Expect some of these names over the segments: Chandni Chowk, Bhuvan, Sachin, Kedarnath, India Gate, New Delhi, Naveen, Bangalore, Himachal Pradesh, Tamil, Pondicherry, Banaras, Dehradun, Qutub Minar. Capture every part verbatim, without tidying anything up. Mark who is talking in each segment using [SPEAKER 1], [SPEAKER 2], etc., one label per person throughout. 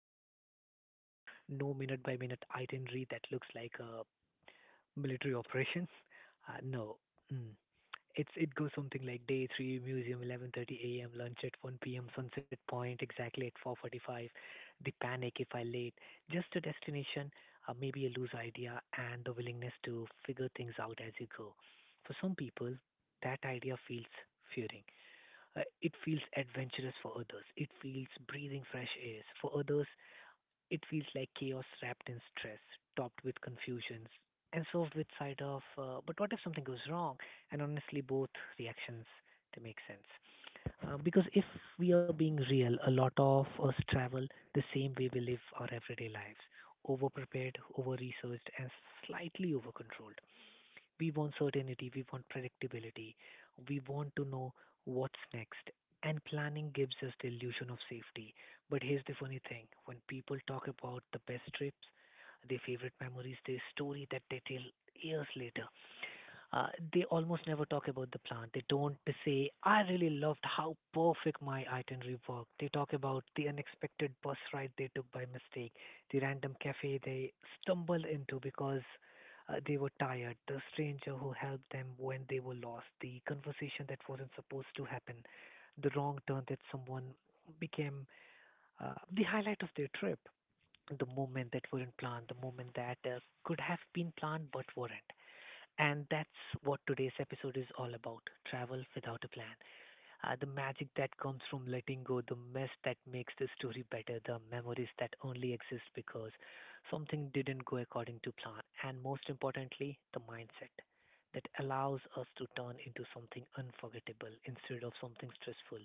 [SPEAKER 1] coded Google Doc, no minute by minute itinerary that looks like a military operations? Uh, no. Mm. It's it goes something like day three museum eleven thirty a m, lunch at one p m, Sunset Point exactly at four forty-five. The panic if I late. Just a destination, uh, maybe a loose idea, and the willingness to figure things out as you go. For some people, that idea feels fearing. Uh, it feels adventurous for others. It feels breathing fresh air. For others, it feels like chaos wrapped in stress, topped with confusions, and served with side of, uh, but what if something goes wrong? And honestly, both reactions to make sense. Uh, because if we are being real, a lot of us travel the same way we live our everyday lives, over prepared, over researched, and slightly over controlled. We want certainty, we want predictability, we want to know what's next. And planning gives us the illusion of safety. But here's the funny thing: when people talk about the best trips, their favorite memories, their story that they tell years later, uh, they almost never talk about the plant. They don't say, "I really loved how perfect my itinerary worked." They talk about the unexpected bus ride they took by mistake, the random cafe they stumbled into because uh, they were tired, the stranger who helped them when they were lost, the conversation that wasn't supposed to happen, the wrong turn that someone became uh, the highlight of their trip. The moment that weren't planned, the moment that uh, could have been planned but weren't. And that's what today's episode is all about: travel without a plan. Uh, the magic that comes from letting go, the mess that makes the story better, the memories that only exist because something didn't go according to plan, and most importantly, the mindset that allows us to turn into something unforgettable instead of something stressful.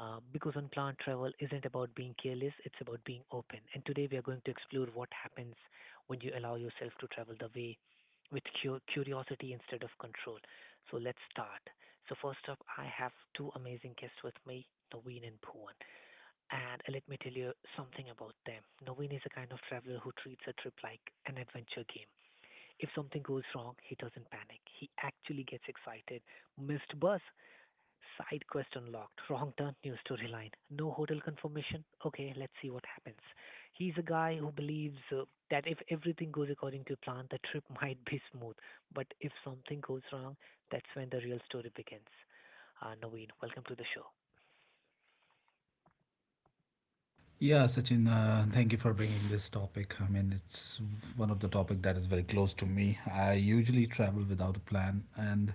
[SPEAKER 1] Uh, because on plant travel isn't about being careless, it's about being open. And today we are going to explore what happens when you allow yourself to travel the way with cu- curiosity instead of control. So let's start. So first up, I have two amazing guests with me, Naveen and Bhuvan. And uh, let me tell you something about them. Naveen is a kind of traveler who treats a trip like an adventure game. If something goes wrong, he doesn't panic. He actually gets excited. Missed bus, side quest unlocked. Wrong turn, new storyline. No hotel confirmation. Okay, let's see what happens. He's a guy who believes uh, that if everything goes according to plan, the trip might be smooth. But if something goes wrong, that's when the real story begins. Uh, Naveen, welcome to the show.
[SPEAKER 2] Yeah, Sachin, uh, thank you for bringing this topic. I mean, it's one of the topic that is very close to me. I usually travel without a plan, and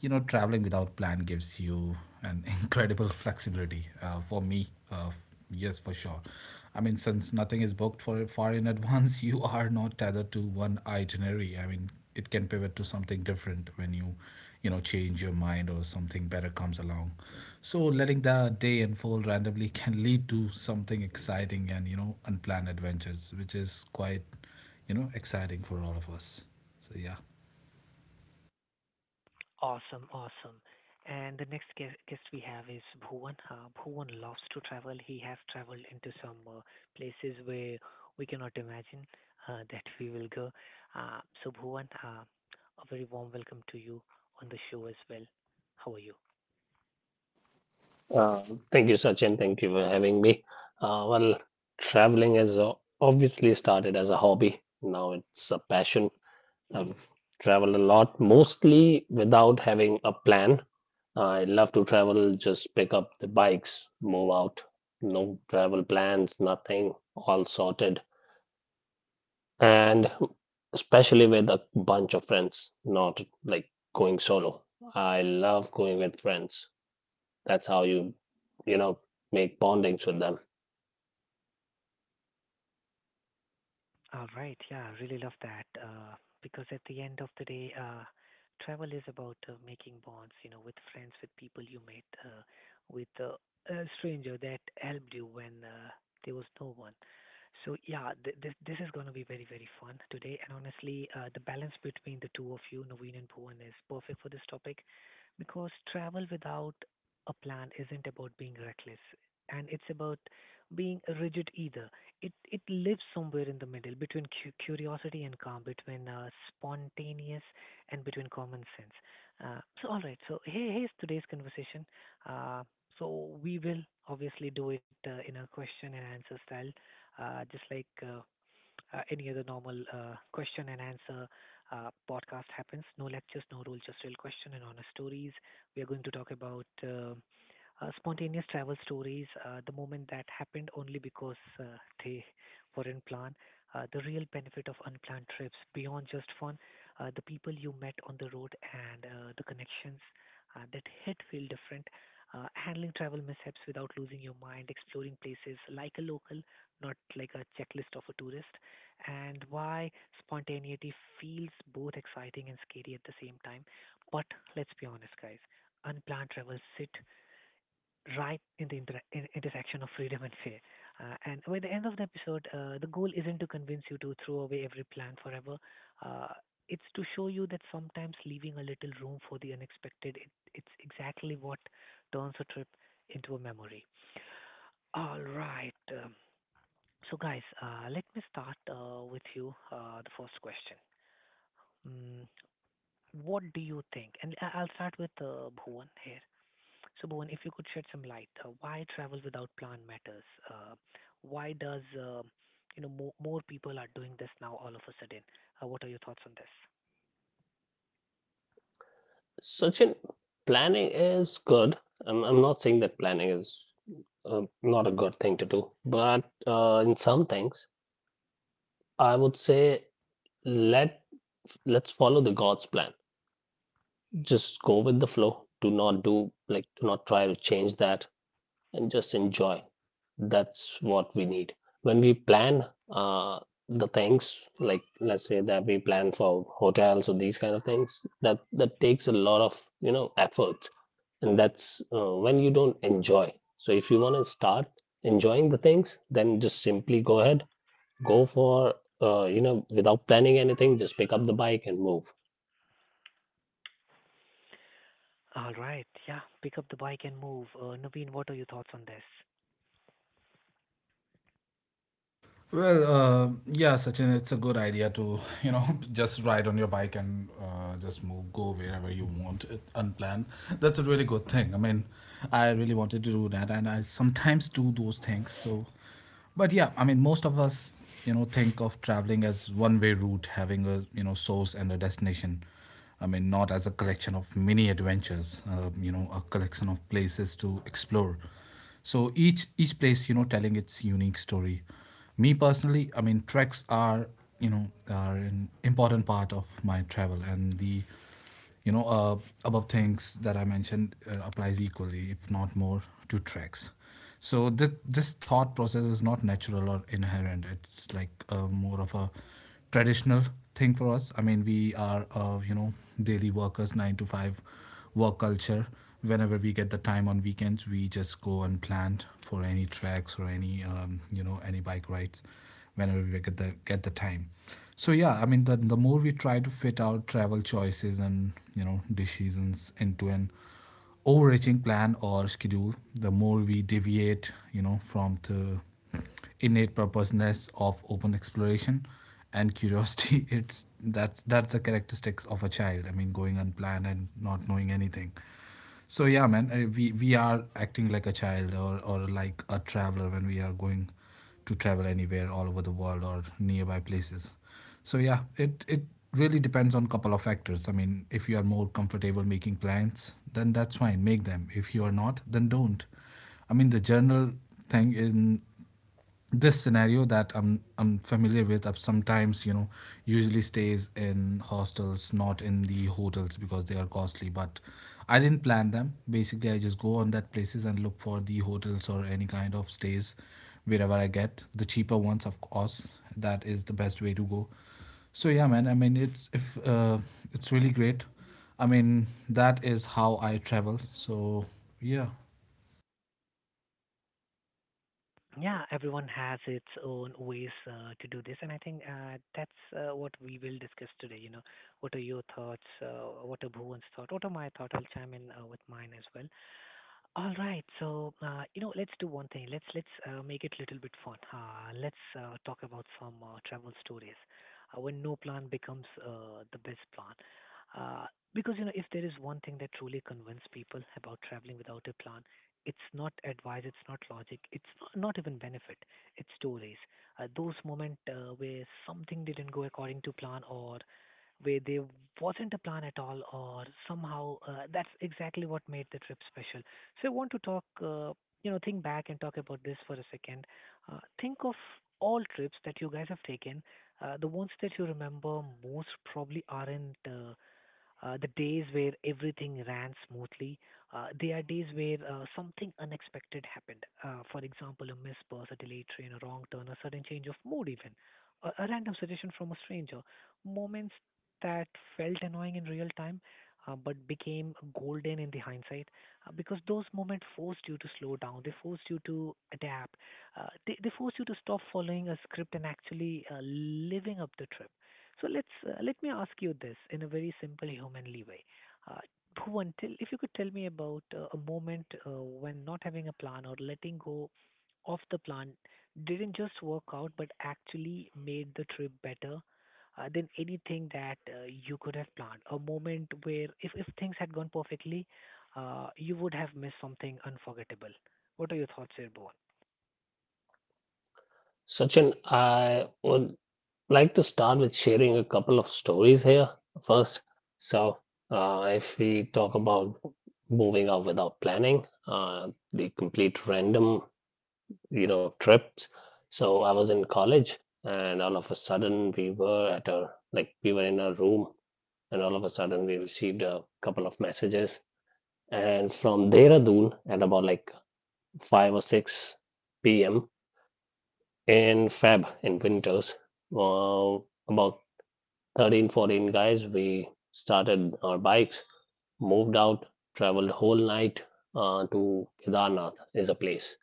[SPEAKER 2] you know, traveling without plan gives you an incredible flexibility. Uh, for me, uh, f- yes, for sure. I mean, since nothing is booked for far in advance, you are not tethered to one itinerary. I mean, it can pivot to something different when you you know change your mind or something better comes along, so letting the day unfold randomly can lead to something exciting and you know unplanned adventures, which is quite you know exciting for all of us, so yeah.
[SPEAKER 1] Awesome, awesome. And the next guest, guest we have is Bhuvan. Uh, Bhuvan loves to travel. He has traveled into some uh, places where we cannot imagine uh, that we will go. Uh, so, Bhuvan, uh, a very warm welcome to you on the show as well. How are you?
[SPEAKER 3] Uh, Thank you, Sachin. Thank you for having me. Uh, well, Traveling has o- obviously started as a hobby. Now it's a passion. I've traveled a lot, mostly without having a plan. I love to travel, just pick up the bikes, move out. No travel plans, nothing, all sorted. And especially with a bunch of friends, not like going solo. I love going with friends. That's how you, you know, make bondings with them.
[SPEAKER 1] All right. Yeah, I really love that. Uh, because at the end of the day, uh, travel is about uh, making bonds, you know, with friends, with people you met, uh, with uh, a stranger that helped you when uh, there was no one. So yeah, th- this this is going to be very very fun today. And honestly, uh, the balance between the two of you, Naveen and Bhuvan, is perfect for this topic because travel without a plan isn't about being reckless, and it's about being rigid either. It it lives somewhere in the middle between cu- curiosity and calm, between uh, spontaneous and between common sense. Uh, so all right. So here, here's today's conversation. Uh, so we will obviously do it uh, in a question and answer style, uh, just like. Uh, uh, any other normal uh, question and answer uh, podcast happens. No lectures, no rule, just real question and honest stories. We are going to talk about uh, uh, spontaneous travel stories, uh, the moment that happened only because uh, they weren't planned, uh, the real benefit of unplanned trips beyond just fun, uh, the people you met on the road and uh, the connections uh, that hit feel different. Uh, handling travel mishaps without losing your mind, exploring places like a local, not like a checklist of a tourist, and why spontaneity feels both exciting and scary at the same time. But let's be honest, guys, unplanned travels sit right in the inter- in- intersection of freedom and fear. Uh, and by the end of the episode, uh, the goal isn't to convince you to throw away every plan forever. Uh, it's to show you that sometimes leaving a little room for the unexpected, it, it's exactly what turns a trip into a memory. All right. Um, so, guys, uh, let me start uh, with you uh, the first question. Mm, what do you think? And I- I'll start with uh, Bhuvan here. So, Bhuvan, if you could shed some light, uh, why travel without plan matters? Uh, why does uh, you know more, more people are doing this now all of a sudden? Uh, what are your thoughts on this?
[SPEAKER 3] Sachin, planning is good. I'm, I'm not saying that planning is uh, not a good thing to do, but uh, in some things, I would say let let's follow the God's plan. Just go with the flow. Do not do like do not try to change that, and just enjoy. That's what we need when we plan uh, the things. Like let's say that we plan for hotels or these kind of things. That that takes a lot of you know effort, and that's uh, when you don't enjoy. So if you want to start enjoying the things, then just simply go ahead, go for uh, you know without planning anything, just pick up the bike and move.
[SPEAKER 1] All right, yeah, pick up the bike and move. Uh, Naveen, what are your thoughts on this?
[SPEAKER 2] Well, uh, yeah, Sachin, it's a good idea to you know just ride on your bike and uh, just move, go wherever you want, it, unplanned. That's a really good thing. I mean, I really wanted to do that, and I sometimes do those things. So, but yeah, I mean, most of us, you know, think of traveling as one-way route, having a you know source and a destination. I mean, not as a collection of mini adventures. Uh, you know, a collection of places to explore. So each each place, you know, telling its unique story. Me personally, I mean, treks are you know are an important part of my travel, and the you know uh, above things that I mentioned uh, applies equally, if not more, to treks. So this this thought process is not natural or inherent. It's like uh, more of a traditional thing for us. I mean, we are uh, you know daily workers, nine to five work culture. Whenever we get the time on weekends, we just go and plan for any tracks or any um, you know any bike rides whenever we get the get the time. So yeah, I mean, the, the more we try to fit our travel choices and you know decisions into an overreaching plan or schedule, the more we deviate, you know, from the innate purposeness of open exploration and curiosity. It's that's that's the characteristics of a child. I mean, going unplanned and not knowing anything. So yeah, man, uh, we we are acting like a child or or like a traveler when we are going to travel anywhere all over the world or nearby places. So yeah, it it really depends on couple of factors. I mean, if you are more comfortable making plans, then that's fine, make them. If you are not, then don't. I mean, the general thing is this scenario that I'm I'm familiar with. I've sometimes you know usually stays in hostels, not in the hotels because they are costly. But I didn't plan them. Basically, I just go on that places and look for the hotels or any kind of stays wherever I get the cheaper ones, of course. That is the best way to go. So yeah, man. I mean, it's if uh, it's really great. I mean, that is how I travel. So yeah.
[SPEAKER 1] Yeah, everyone has its own ways uh, to do this, and I think uh, that's uh, what we will discuss today. You know, what are your thoughts? Uh, what are Bhuvan's thought? What are my thought? I'll chime in uh, with mine as well. All right. So, uh, you know, let's do one thing. Let's let's uh, make it a little bit fun. Uh, let's uh, talk about some uh, travel stories. Uh, when no plan becomes uh, the best plan. Uh, because you know, if there is one thing that truly convinces people about traveling without a plan, it's not advice, it's not logic, it's not, not even benefit. It's stories. Uh, those moments uh, where something didn't go according to plan, or where there wasn't a plan at all, or somehow uh, that's exactly what made the trip special. So I want to talk, uh, you know, think back and talk about this for a second. Uh, think of all trips that you guys have taken. Uh, the ones that you remember most probably aren't uh, uh, the days where everything ran smoothly. Uh, there are days where uh, something unexpected happened. Uh, for example, a missed bus, a delayed train, a wrong turn, a sudden change of mood, even a, a random suggestion from a stranger. Moments that felt annoying in real time, uh, but became golden in the hindsight uh, because those moments forced you to slow down. They forced you to adapt. Uh, they, they forced you to stop following a script and actually uh, living up the trip. So let's, uh, let me ask you this in a very simple humanly way. Uh, Bhuvan, tell, if you could tell me about uh, a moment uh, when not having a plan or letting go of the plan didn't just work out but actually made the trip better uh, than anything that uh, you could have planned. A moment where if, if things had gone perfectly, uh, you would have missed something unforgettable. What are your thoughts here, Bhuvan?
[SPEAKER 3] Sachin, I would like to start with sharing a couple of stories here first. So uh, if we talk about moving out without planning, uh, the complete random, you know trips. So I was in college, and all of a sudden we were at a like we were in a room, and all of a sudden we received a couple of messages, and from Dehradun at about like five or six p m in Feb in winters, uh, about thirteen fourteen guys. We started our bikes, moved out, traveled whole night uh, to Kedarnath. Is a place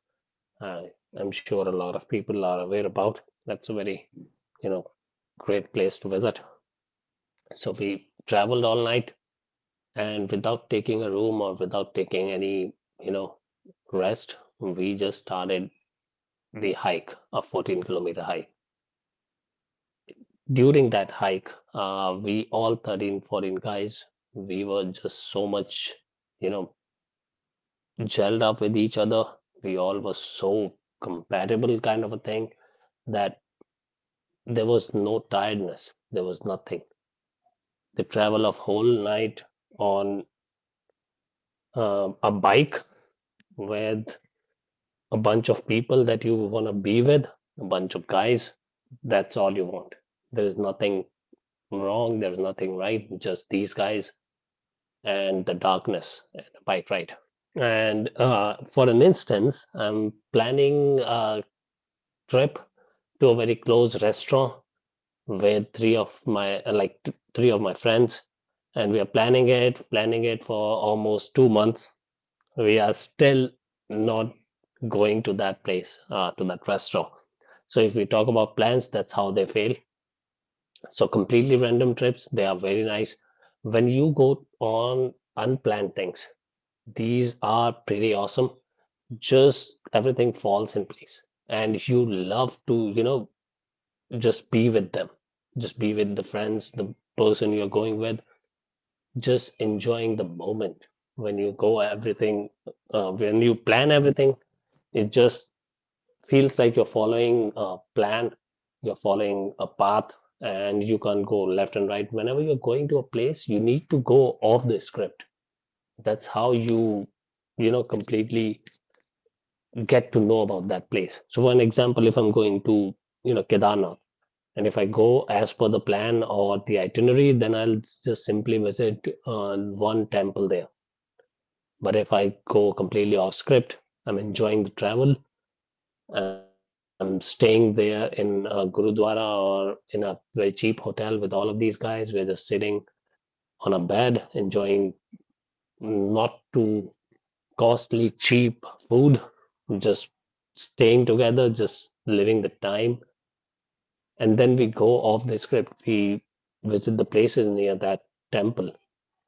[SPEAKER 3] uh, I'm sure a lot of people are aware about. That's a very, you know, great place to visit. So we traveled all night, and without taking a room or without taking any, you know, rest, we just started the hike, a fourteen kilometer hike. During that hike, uh, we all thirteen, fourteen guys, we were just so much, you know, gelled up with each other. We all were so compatible, kind of a thing, that there was no tiredness. There was nothing. The travel of whole night on um a bike with a bunch of people that you want to be with, a bunch of guys, that's all you want. There is nothing wrong. There is nothing right. Just these guys and the darkness and a bike ride. And uh, for an instance, I'm planning a trip to a very close restaurant with three of my uh, like th- three of my friends, and we are planning it planning it for almost two months. We are still not going to that place, uh, to that restaurant. So if we talk about plans, that's how they fail. So completely random trips, they are very nice. When you go on unplanned things, these are pretty awesome. Just everything falls in place, and you love to, you know just be with them, just be with the friends, the person you're going with, just enjoying the moment. when you go everything uh, when you plan everything, it just feels like you're following a plan, you're following a path, and you can go left and right. Whenever you're going to a place, you need to go off the script. That's how you, you know completely get to know about that place. So for an example, if I'm going to, you know Kedarnath, and if I go as per the plan or the itinerary, then I'll just simply visit uh, one temple there. But if I go completely off script, I'm enjoying the travel, I'm staying there in a gurudwara or in a very cheap hotel with all of these guys. We're just sitting on a bed, enjoying not too costly, cheap food, just staying together, just living the time. And then we go off the script. We visit the places near that temple,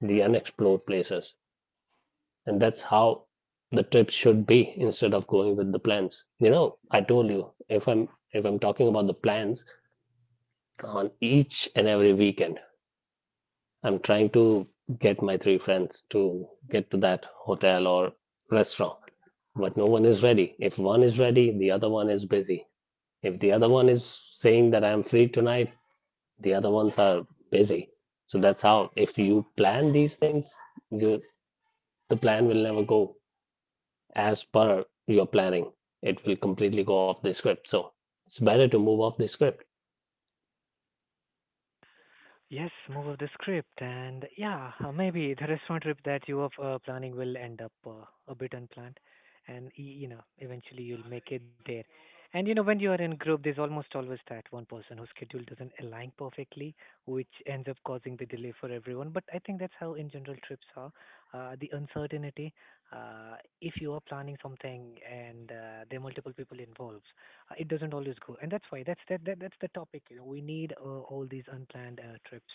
[SPEAKER 3] the unexplored places. And that's how the trip should be, instead of going with the plans. You know, I told you, if I'm if I'm talking about the plans, on each and every weekend, I'm trying to get my three friends to get to that hotel or restaurant. But no one is ready. If one is ready, the other one is busy. If the other one is saying that I'm free tonight, the other ones are busy. So that's how, if you plan these things, you, the plan will never go as per your planning. It will completely go off the script. So it's better to move off the script.
[SPEAKER 1] Yes, move of the script, and yeah, uh, maybe the restaurant trip that you are uh, planning will end up uh, a bit unplanned, and y- you know eventually you'll make it there. And you know when you are in group, there's almost always that one person whose schedule doesn't align perfectly, which ends up causing the delay for everyone. But I think that's how in general trips are. Uh, the uncertainty. Uh, if you are planning something and uh, there are multiple people involved, uh, it doesn't always go, and that's why that's that, that that's the topic. You know, we need uh, all these unplanned uh, trips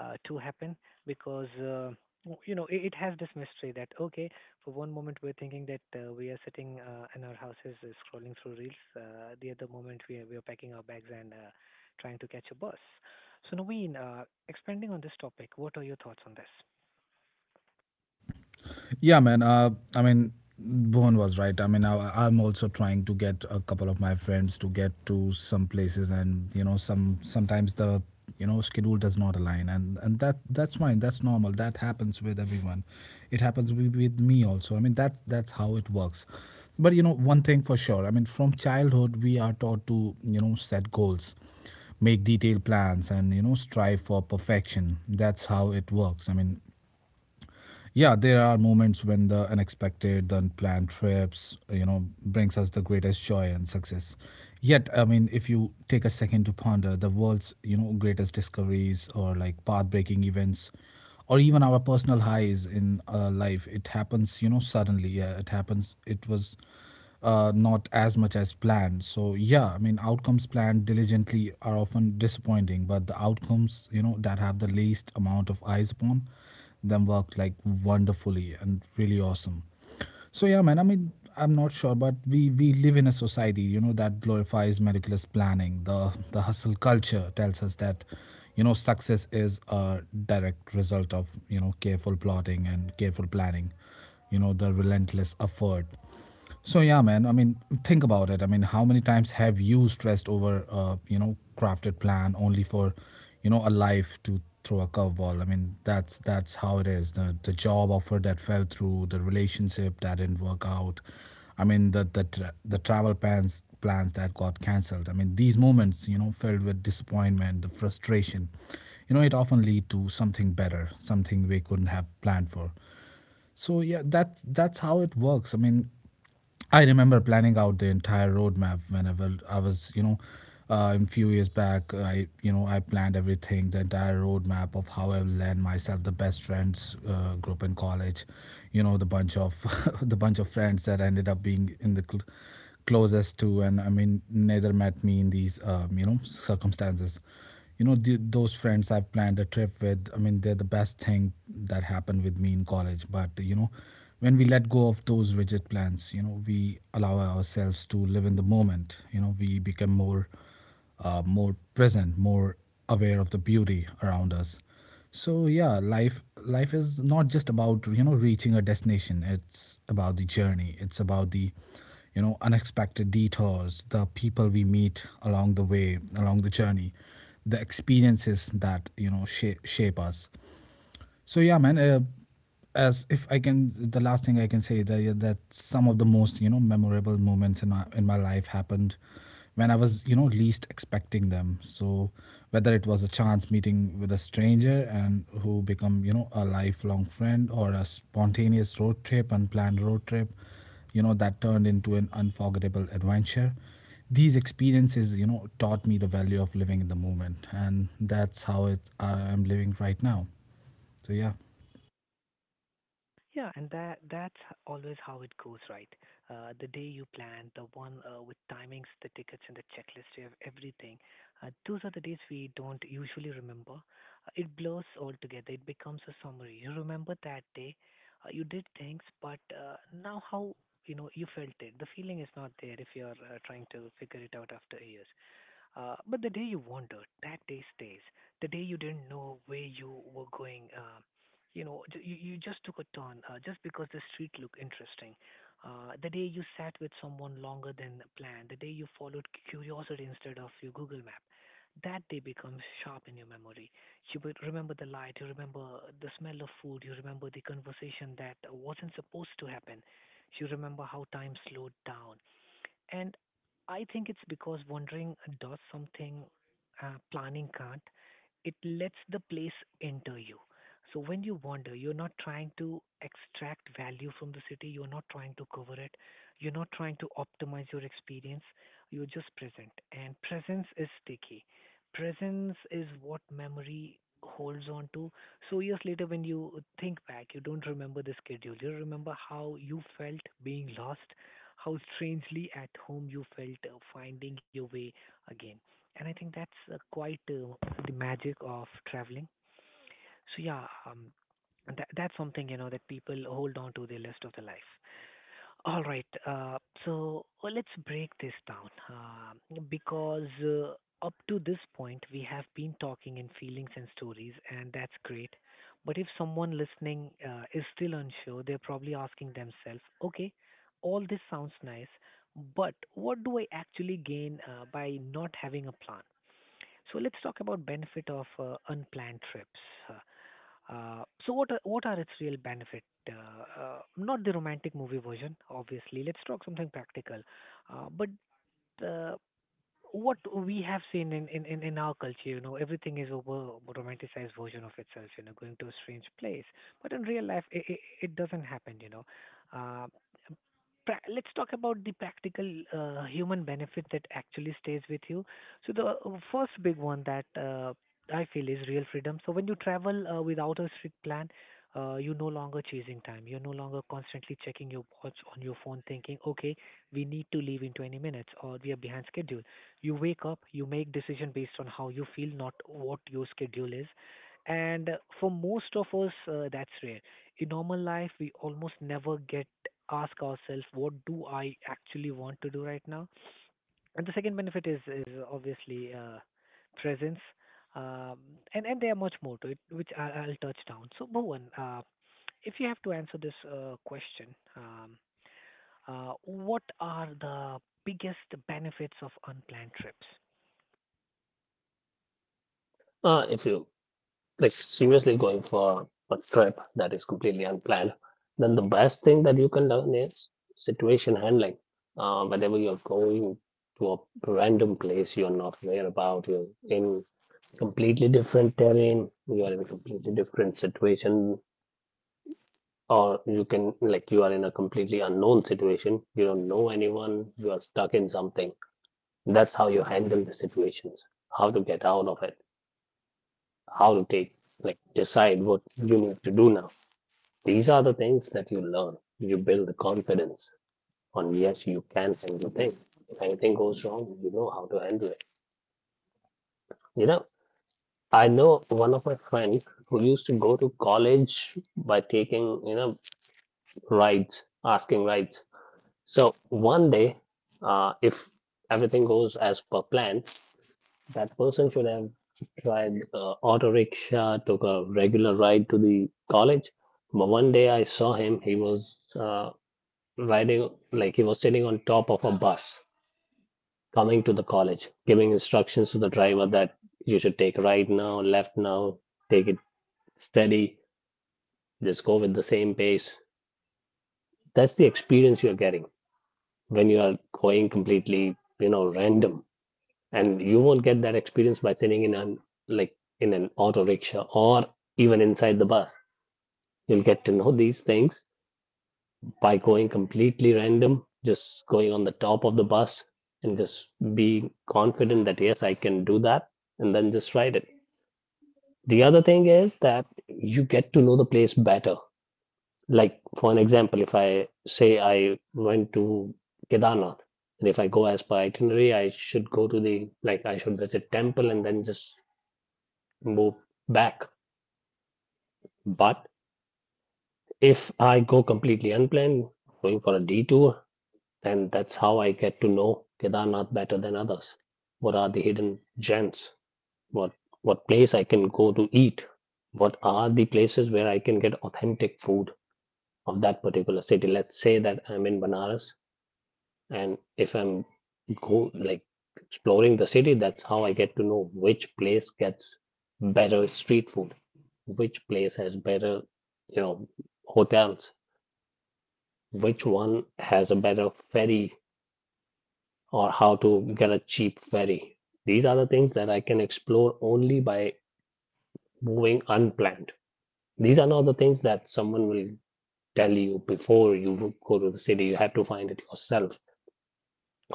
[SPEAKER 1] uh, to happen because. Uh, w- you know, it, it has this mystery that okay, for one moment we're thinking that uh, we are sitting uh, in our houses uh, scrolling through reels. Uh, the other moment we are we are packing our bags and uh, trying to catch a bus. So Naveen, uh, expanding on this topic, what are your thoughts on this?
[SPEAKER 2] Yeah, man. Uh, I mean, Bowen was right. I mean, I, I'm also trying to get a couple of my friends to get to some places, and you know, some sometimes the you know schedule does not align, and and that that's fine. That's normal. That happens with everyone. It happens with, with me also. I mean, that's that's how it works. But you know, one thing for sure. I mean, from childhood, we are taught to you know set goals, make detailed plans, and you know strive for perfection. That's how it works. I mean, yeah, there are moments when the unexpected, the unplanned trips, you know brings us the greatest joy and success. Yet I mean, if you take a second to ponder the world's you know greatest discoveries or like path breaking events or even our personal highs in uh, life, it happens you know suddenly. Yeah, it happens. It was uh, not as much as planned. So yeah, I mean, outcomes planned diligently are often disappointing, but the outcomes you know that have the least amount of eyes upon them worked like wonderfully and really awesome. So yeah, man. I mean, I'm not sure, but we we live in a society, you know, that glorifies meticulous planning. The the hustle culture tells us that, you know, success is a direct result of you know careful plotting and careful planning, you know, the relentless effort. So yeah, man. I mean, think about it. I mean, how many times have you stressed over, uh, you know, crafted plan only for, you know, a life to throw a curveball? I mean, that's that's how it is. The the job offer that fell through, the relationship that didn't work out. I mean, the the tra- the travel plans plans that got cancelled. I mean, these moments, you know, filled with disappointment, the frustration. You know, it often lead to something better, something we couldn't have planned for. So yeah, that's that's how it works. I mean, I remember planning out the entire roadmap whenever I was, you know, uh, in few years back. I, you know, I planned everything, the entire roadmap of how I will land myself the best friends uh, group in college. You know, the bunch of the bunch of friends that ended up being in the cl- closest to, and I mean, neither met me in these, um, you know, circumstances. You know, the, those friends I've planned a trip with, I mean, they're the best thing that happened with me in college. But, you know, when we let go of those rigid plans, you know, we allow ourselves to live in the moment. You know, we become more uh, more present, more aware of the beauty around us. So yeah, life life is not just about you know reaching a destination. It's about the journey. It's about the you know unexpected detours, the people we meet along the way, along the journey, the experiences that you know shape, shape us. So yeah, man. Uh, as if I can, the last thing I can say that yeah, that some of the most you know memorable moments in my in my life happened when I was you know least expecting them. So whether it was a chance meeting with a stranger and who become you know a lifelong friend, or a spontaneous road trip, unplanned road trip, you know that turned into an unforgettable adventure, these experiences you know taught me the value of living in the moment, and that's how it I am living right now. So yeah.
[SPEAKER 1] Yeah, and that that's always how it goes, right? Uh, the day you plan, the one uh, with timings, the tickets, and the checklist, you have everything. Uh, those are the days we don't usually remember. Uh, it blurs all together. It becomes a summary. You remember that day, uh, you did things, but uh, now how you know you felt it. The feeling is not there if you're uh, trying to figure it out after years. Uh, but the day you wandered, that day stays. The day you didn't know where you were going, uh, you know, j- you, you just took a turn uh, just because the street looked interesting. Uh, the day you sat with someone longer than planned, the day you followed curiosity instead of your Google map, that day becomes sharp in your memory. You would remember the light, you remember the smell of food, you remember the conversation that wasn't supposed to happen, you remember how time slowed down. And I think it's because wandering does something uh, planning can't. It lets the place enter you. So when you wander, you're not trying to extract value from the city, you're not trying to cover it, you're not trying to optimize your experience, you're just present. And presence is sticky. Presence is what memory holds on to. So years later, when you think back, you don't remember the schedule, you remember how you felt being lost, how strangely at home you felt uh, finding your way again. And I think that's uh, quite uh, the magic of traveling. So yeah, um, and that, that's something you know that people hold on to their list of their life. All right. Uh, so uh, let's break this down uh, because uh, up to this point, we have been talking in feelings and stories, and that's great. But if someone listening uh, is still unsure, they're probably asking themselves, okay, all this sounds nice, but what do I actually gain uh, by not having a plan? So let's talk about benefit of uh, unplanned trips. uh, uh, so what are, what are its real benefit? Uh, uh, not the romantic movie version, obviously. Let's talk something practical. Uh, but uh, what we have seen in, in, in in our culture, you know, everything is over romanticized version of itself. You know, going to a strange place, but in real life, it, it, it doesn't happen. You know, uh, pra- let's talk about the practical uh, human benefit that actually stays with you. So the uh, first big one that uh, I feel is real freedom. So when you travel uh, without a strict plan, uh, you're no longer chasing time. You're no longer constantly checking your watch on your phone, thinking, "Okay, we need to leave in twenty minutes, or we are behind schedule." You wake up, you make decision based on how you feel, not what your schedule is. And uh, for most of us, uh, that's rare in normal life. We almost never get ask ourselves what do I actually want to do right now. And the second benefit is is obviously uh, presence. um, and and there are much more to it which I, I'll touch down. So Bhuvan, uh, if you have to answer this uh, question, um, uh, what are the biggest benefits of unplanned trips?
[SPEAKER 3] Uh, if you, like, seriously going for a trip that is completely unplanned, then the best thing that you can learn is situation handling. Uh, whenever you're going to a random place you're not aware about, you're in completely different terrain, you are in a completely different situation. Or you can, like, You are in a completely unknown situation. You don't know anyone. You are stuck in something. That's how you handle the situations, how to get out of it, how to take, like, decide what you need to do now. These are the things that you learn. You build the confidence on, yes, you can handle things. If anything goes wrong, you know how to handle it. You know, I know one of my friends who used to go to college by taking, you know, rides, asking rides. So one day, uh, if everything goes as per plan, that person should have tried uh, auto rickshaw, took a regular ride to the college. But one day I saw him. He was uh, riding like he was sitting on top of a bus coming to the college, giving instructions to the driver that you should take right now, left now, take it steady, just go with the same pace. That's the experience you're getting when you are going completely, you know, random, and you won't get that experience by sitting in an, like in an auto rickshaw, or even inside the bus. You'll get to know these things by going completely random, just going on the top of the bus, and just be confident that yes, I can do that, and then just ride it. The other thing is that you get to know the place better. Like for an example, if I say I went to Kedarnath, and if I go as per itinerary, I should go to the, like I should visit temple and then just move back. But if I go completely unplanned, going for a detour, then that's how I get to know Kedarnath better than others. What are the hidden gems? What what place I can go to eat? What are the places where I can get authentic food of that particular city? Let's say that I'm in Banaras, and if I'm, go like exploring the city, that's how I get to know which place gets better street food, which place has better, you know, hotels, which one has a better ferry, or how to get a cheap ferry. These are the things that I can explore only by moving unplanned. These are not the things that someone will tell you before you go to the city. You have to find it yourself.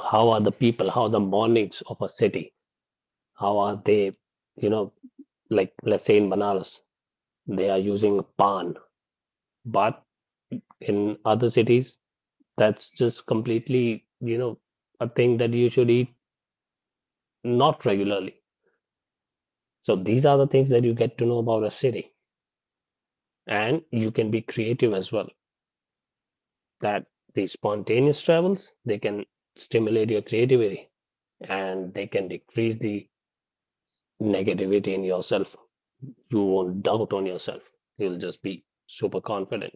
[SPEAKER 3] How are the people? How are the mornings of a city? How are they, you know, like let's say in Banaras, they are using a pan, but in other cities, that's just completely, you know, a thing that you should eat not regularly. So these are the things that you get to know about a city. And you can be creative as well. That The spontaneous travels, they can stimulate your creativity, and they can decrease the negativity in yourself. You won't doubt on yourself. You'll just be super confident,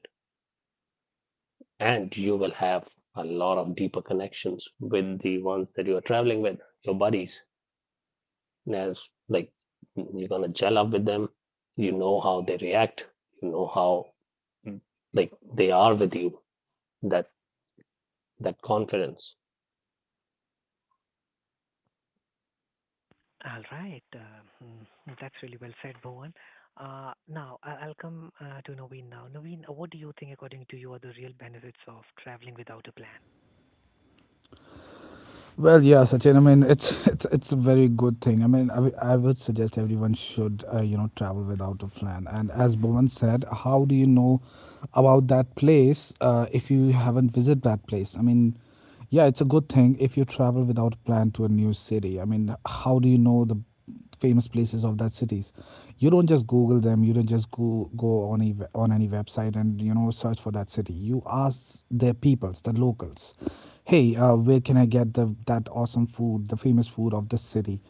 [SPEAKER 3] and you will have a lot of deeper connections with the ones that you are traveling with, your buddies, as like you're gonna gel up with them. You know how they react, you know how like they are with you, that that confidence.
[SPEAKER 1] All right. uh, mm, That's really well said, Bhuvan. Uh, Now, I- I'll come uh, to Naveen now. Naveen, uh, what do you think, according to you, are the real benefits of traveling without a plan?
[SPEAKER 2] Well, yeah, Sachin. I mean, it's it's a very good thing. I mean, I, w- I would suggest everyone should uh, you know travel plan. And as that, how do you know about that place? Uh, if you haven't visited that place. I mean, yeah, it's a good thing if you travel without a plan to a new city. I mean, how do you know the famous places of that cities? You don't just Google them. You don't just go go on a, on any website and you know search for that city. You ask their peoples, the locals, hey, uh, where can I get the that awesome food, the famous food of this city?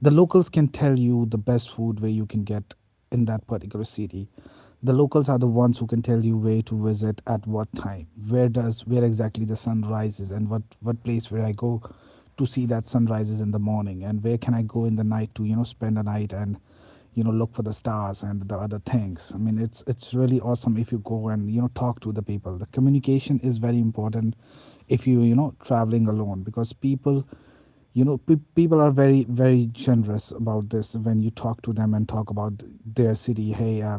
[SPEAKER 2] The locals can tell you the best food where you can get in that particular city. The locals are the ones who can tell you where to visit at what time, where does where exactly the sun rises, and what what place where I go to see that sun rises in the morning, and where can I go in the night to you know spend a night and you know look for the stars and the other things. I mean, it's it's really awesome if you go and you know talk to the people. The communication is very important if you you know traveling alone because people you know pe- people are very very generous about this when you talk to them and talk about their city. Hey, uh,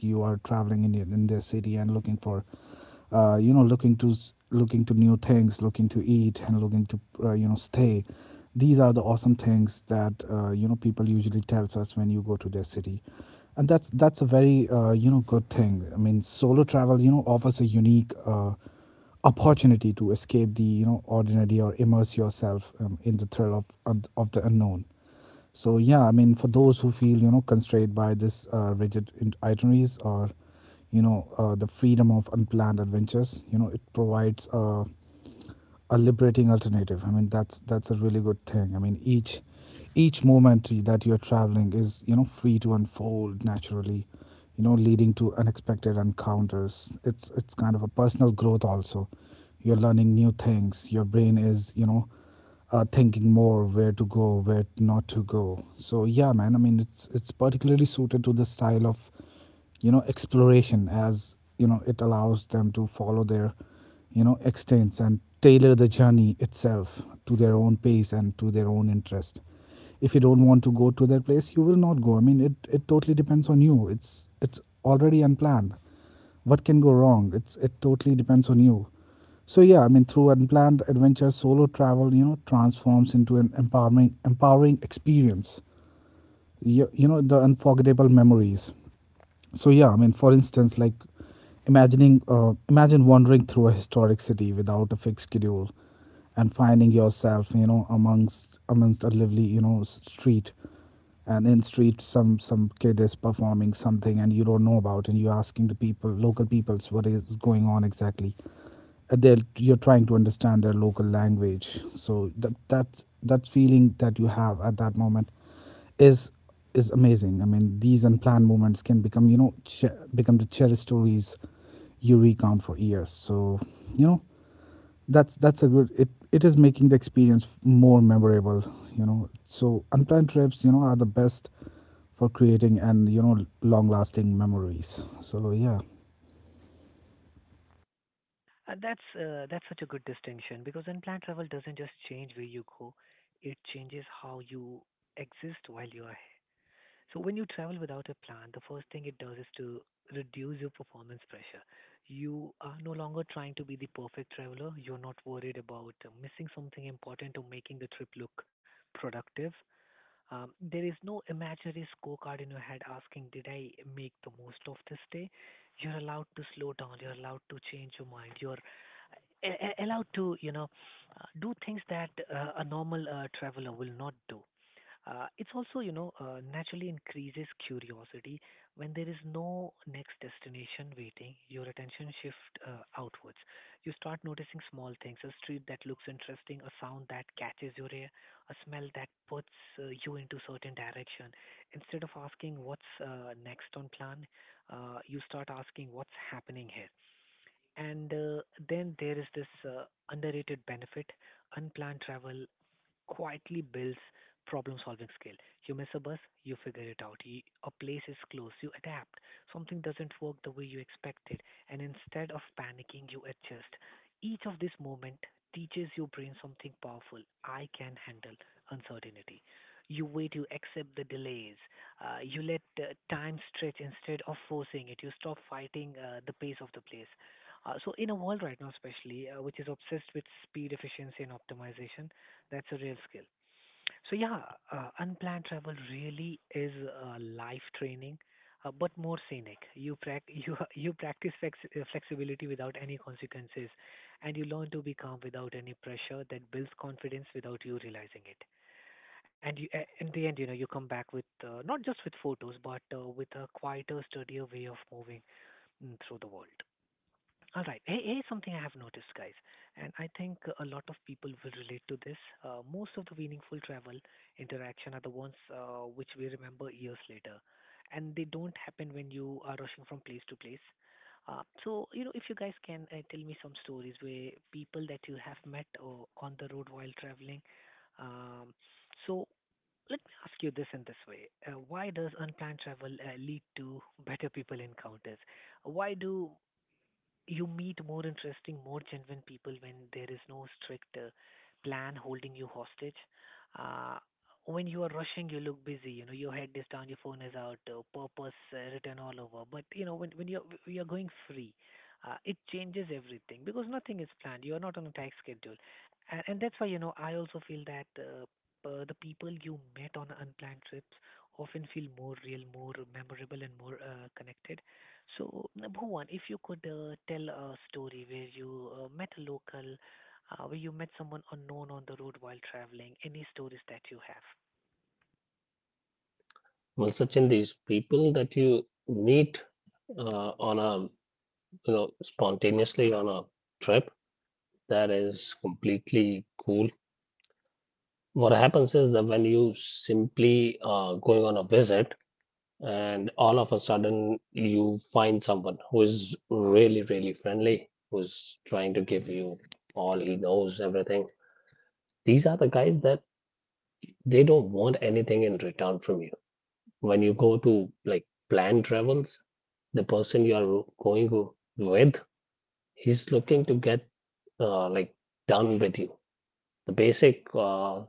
[SPEAKER 2] you are traveling in in their city and looking for uh, you know looking to s- looking to new things, looking to eat, and looking to uh, you know stay. These are the awesome things that uh, you know people usually tells us when you go to their city. And that's that's a very uh, you know good thing. I mean, solo travel you know offers a unique uh, opportunity to escape the you know ordinary or immerse yourself um, in the thrill of, of of the unknown. So yeah, I mean, for those who feel you know constrained by this uh, rigid in- itineraries or you know uh, the freedom of unplanned adventures, you know it provides a a liberating alternative. I mean, that's that's a really good thing. I mean, each each moment that you're traveling is you know free to unfold naturally, you know, leading to unexpected encounters. It's it's kind of a personal growth also. You're learning new things. Your brain is you know uh, thinking more where to go, where not to go. So yeah, man. I mean, it's it's particularly suited to the style of you know exploration, as you know it allows them to follow their you know extends and tailor the journey itself to their own pace and to their own interest. If you don't want to go to that place, you will not go. I mean, it, it totally depends on you. It's it's already unplanned. What can go wrong? It's it totally depends on you. So yeah, I mean, through unplanned adventure, solo travel you know transforms into an empowering empowering experience, you, you know the unforgettable memories. So yeah, I mean, for instance, like, imagining uh, imagine wandering through a historic city without a fixed schedule and finding yourself, you know, amongst amongst a lively, you know, s- street. And in street, some some kid is performing something and you don't know about, and you're asking the people, local peoples, what is going on exactly. uh, they're You're trying to understand their local language. So that that that feeling that you have at that moment is is amazing. I mean, these unplanned moments can become, you know, che- become the cherished stories you recount for years. So you know that's that's a good, it it is making the experience more memorable, you know. So unplanned trips, you know, are the best for creating and you know long lasting memories. So yeah.
[SPEAKER 1] Uh, That's uh, that's such a good distinction because unplanned travel doesn't just change where you go, it changes how you exist while you are. So when you travel without a plan, the first thing it does is to reduce your performance pressure. You are no longer trying to be the perfect traveler. You're not worried about uh, missing something important or making the trip look productive. Um, there is no imaginary scorecard in your head asking, did I make the most of this day? You're allowed to slow down. You're allowed to change your mind. You're a- a- allowed to, you know, uh, do things that uh, a normal uh, traveler will not do. Uh, it's also, you know, uh, naturally increases curiosity. When there is no next destination waiting, your attention shift uh, outwards. You start noticing small things, a street that looks interesting, a sound that catches your ear, a smell that puts uh, you into certain direction. Instead of asking what's uh, next on plan, uh, you start asking what's happening here. And uh, then there is this uh, underrated benefit. Unplanned travel quietly builds problem solving skill. You miss a bus, you figure it out. You, a place is closed, you adapt. Something doesn't work the way you expected, and instead of panicking, you adjust. Each of these moments teaches your brain something powerful. I can handle uncertainty. You wait, you accept the delays, uh, you let uh, time stretch instead of forcing it, you stop fighting uh, the pace of the place. Uh, so, in a world right now, especially uh, which is obsessed with speed, efficiency, and optimization, that's a real skill. So yeah, uh, unplanned travel really is uh, life training, uh, but more scenic. You prac you you practice flex- uh, flexibility without any consequences, and you learn to be calm without any pressure that builds confidence without you realizing it. And you, a- in the end, you know, you come back with uh, not just with photos, but uh, with a quieter, sturdier way of moving mm, through the world. All right. Here- Here's something I have noticed, guys, and I think a lot of people will relate to this. Uh, most of the meaningful travel interaction are the ones uh, which we remember years later, and they don't happen when you are rushing from place to place. Uh, so, you know, if you guys can uh, tell me some stories where people that you have met uh, on the road while traveling. Um, so, let me ask you this in this way: uh, why does unplanned travel uh, lead to better people encounters? Why do you meet more interesting, more genuine people when there is no strict uh, plan holding you hostage? Uh, when you are rushing, you look busy. You know, your head is down, your phone is out, uh, purpose uh, written all over. But you know, when when you're you're going free, uh, it changes everything because nothing is planned. You are not on a tight schedule, and, and that's why you know I also feel that. Uh, uh, the people you met on unplanned trips often feel more real, more memorable, and more uh, connected. So, uh, Bhuvan, if you could uh, tell a story where you uh, met a local, uh, where you met someone unknown on the road while traveling, any stories that you have?
[SPEAKER 3] Well, Sachin, these people that you meet uh, on a, you know spontaneously on a trip, that is completely cool. What happens is that when you simply uh, going on a visit, and all of a sudden you find someone who is really really friendly, who's trying to give you all he knows, everything. These are the guys that they don't want anything in return from you. When you go to like planned travels, the person you are going w- with, he's looking to get uh, like done with you. The basic uh,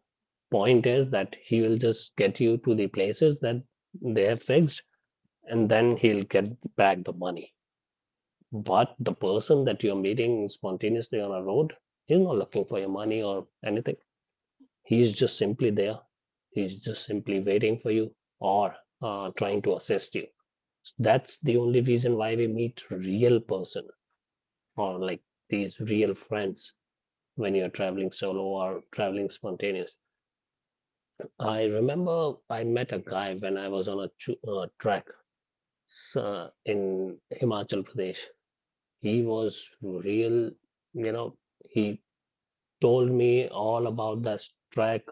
[SPEAKER 3] point is that he will just get you to the places that they have fixed, and then he'll get back the money. But the person that you're meeting spontaneously on a road, he's not looking for your money or anything. He's just simply there. He's just simply waiting for you or uh, trying to assist you. That's the only reason why we meet real person or like these real friends when you're traveling solo or traveling spontaneous. I remember I met a guy when I was on a chu- uh, track uh, in Himachal Pradesh. He was real, you know, he told me all about that trek,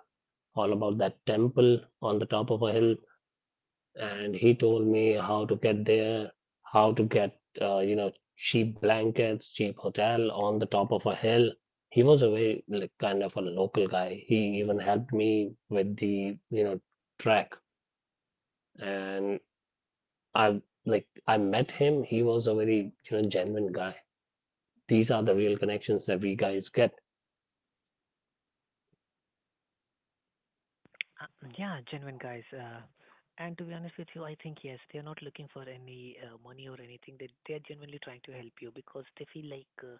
[SPEAKER 3] all about that temple on the top of a hill, and he told me how to get there, how to get uh, you know cheap blankets, cheap hotel on the top of a hill. He was a very like, kind of a local guy. He even helped me with the you know trek, and I like I met him. He was a very you know genuine guy. These are the real connections that we guys get.
[SPEAKER 1] Uh, yeah, genuine guys. Uh, and to be honest with you, I think yes, they are not looking for any uh, money or anything. They they are genuinely trying to help you because they feel like uh,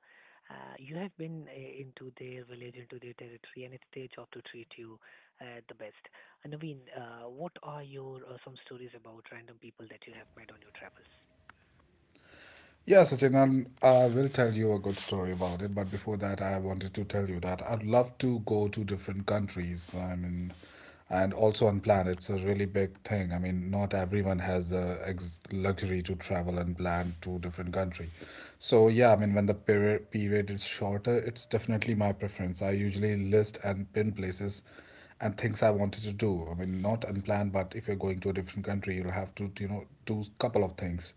[SPEAKER 1] uh, you have been uh, into their village, into their territory, and it's their job to treat you uh, the best. Uh, Naveen, uh, what are your uh, some stories about random people that you have met on your travels?
[SPEAKER 2] Yeah, Sachin, and I will tell you a good story about it. But before that, I wanted to tell you that I'd love to go to different countries. I mean, and also unplanned. It's a really big thing. I mean, not everyone has the ex- luxury to travel and plan to different country. So yeah, I mean, when the period period is shorter, it's definitely my preference. I usually list and pin places and things I wanted to do. I mean, not unplanned, but if you're going to a different country, you'll have to, you know, do a couple of things.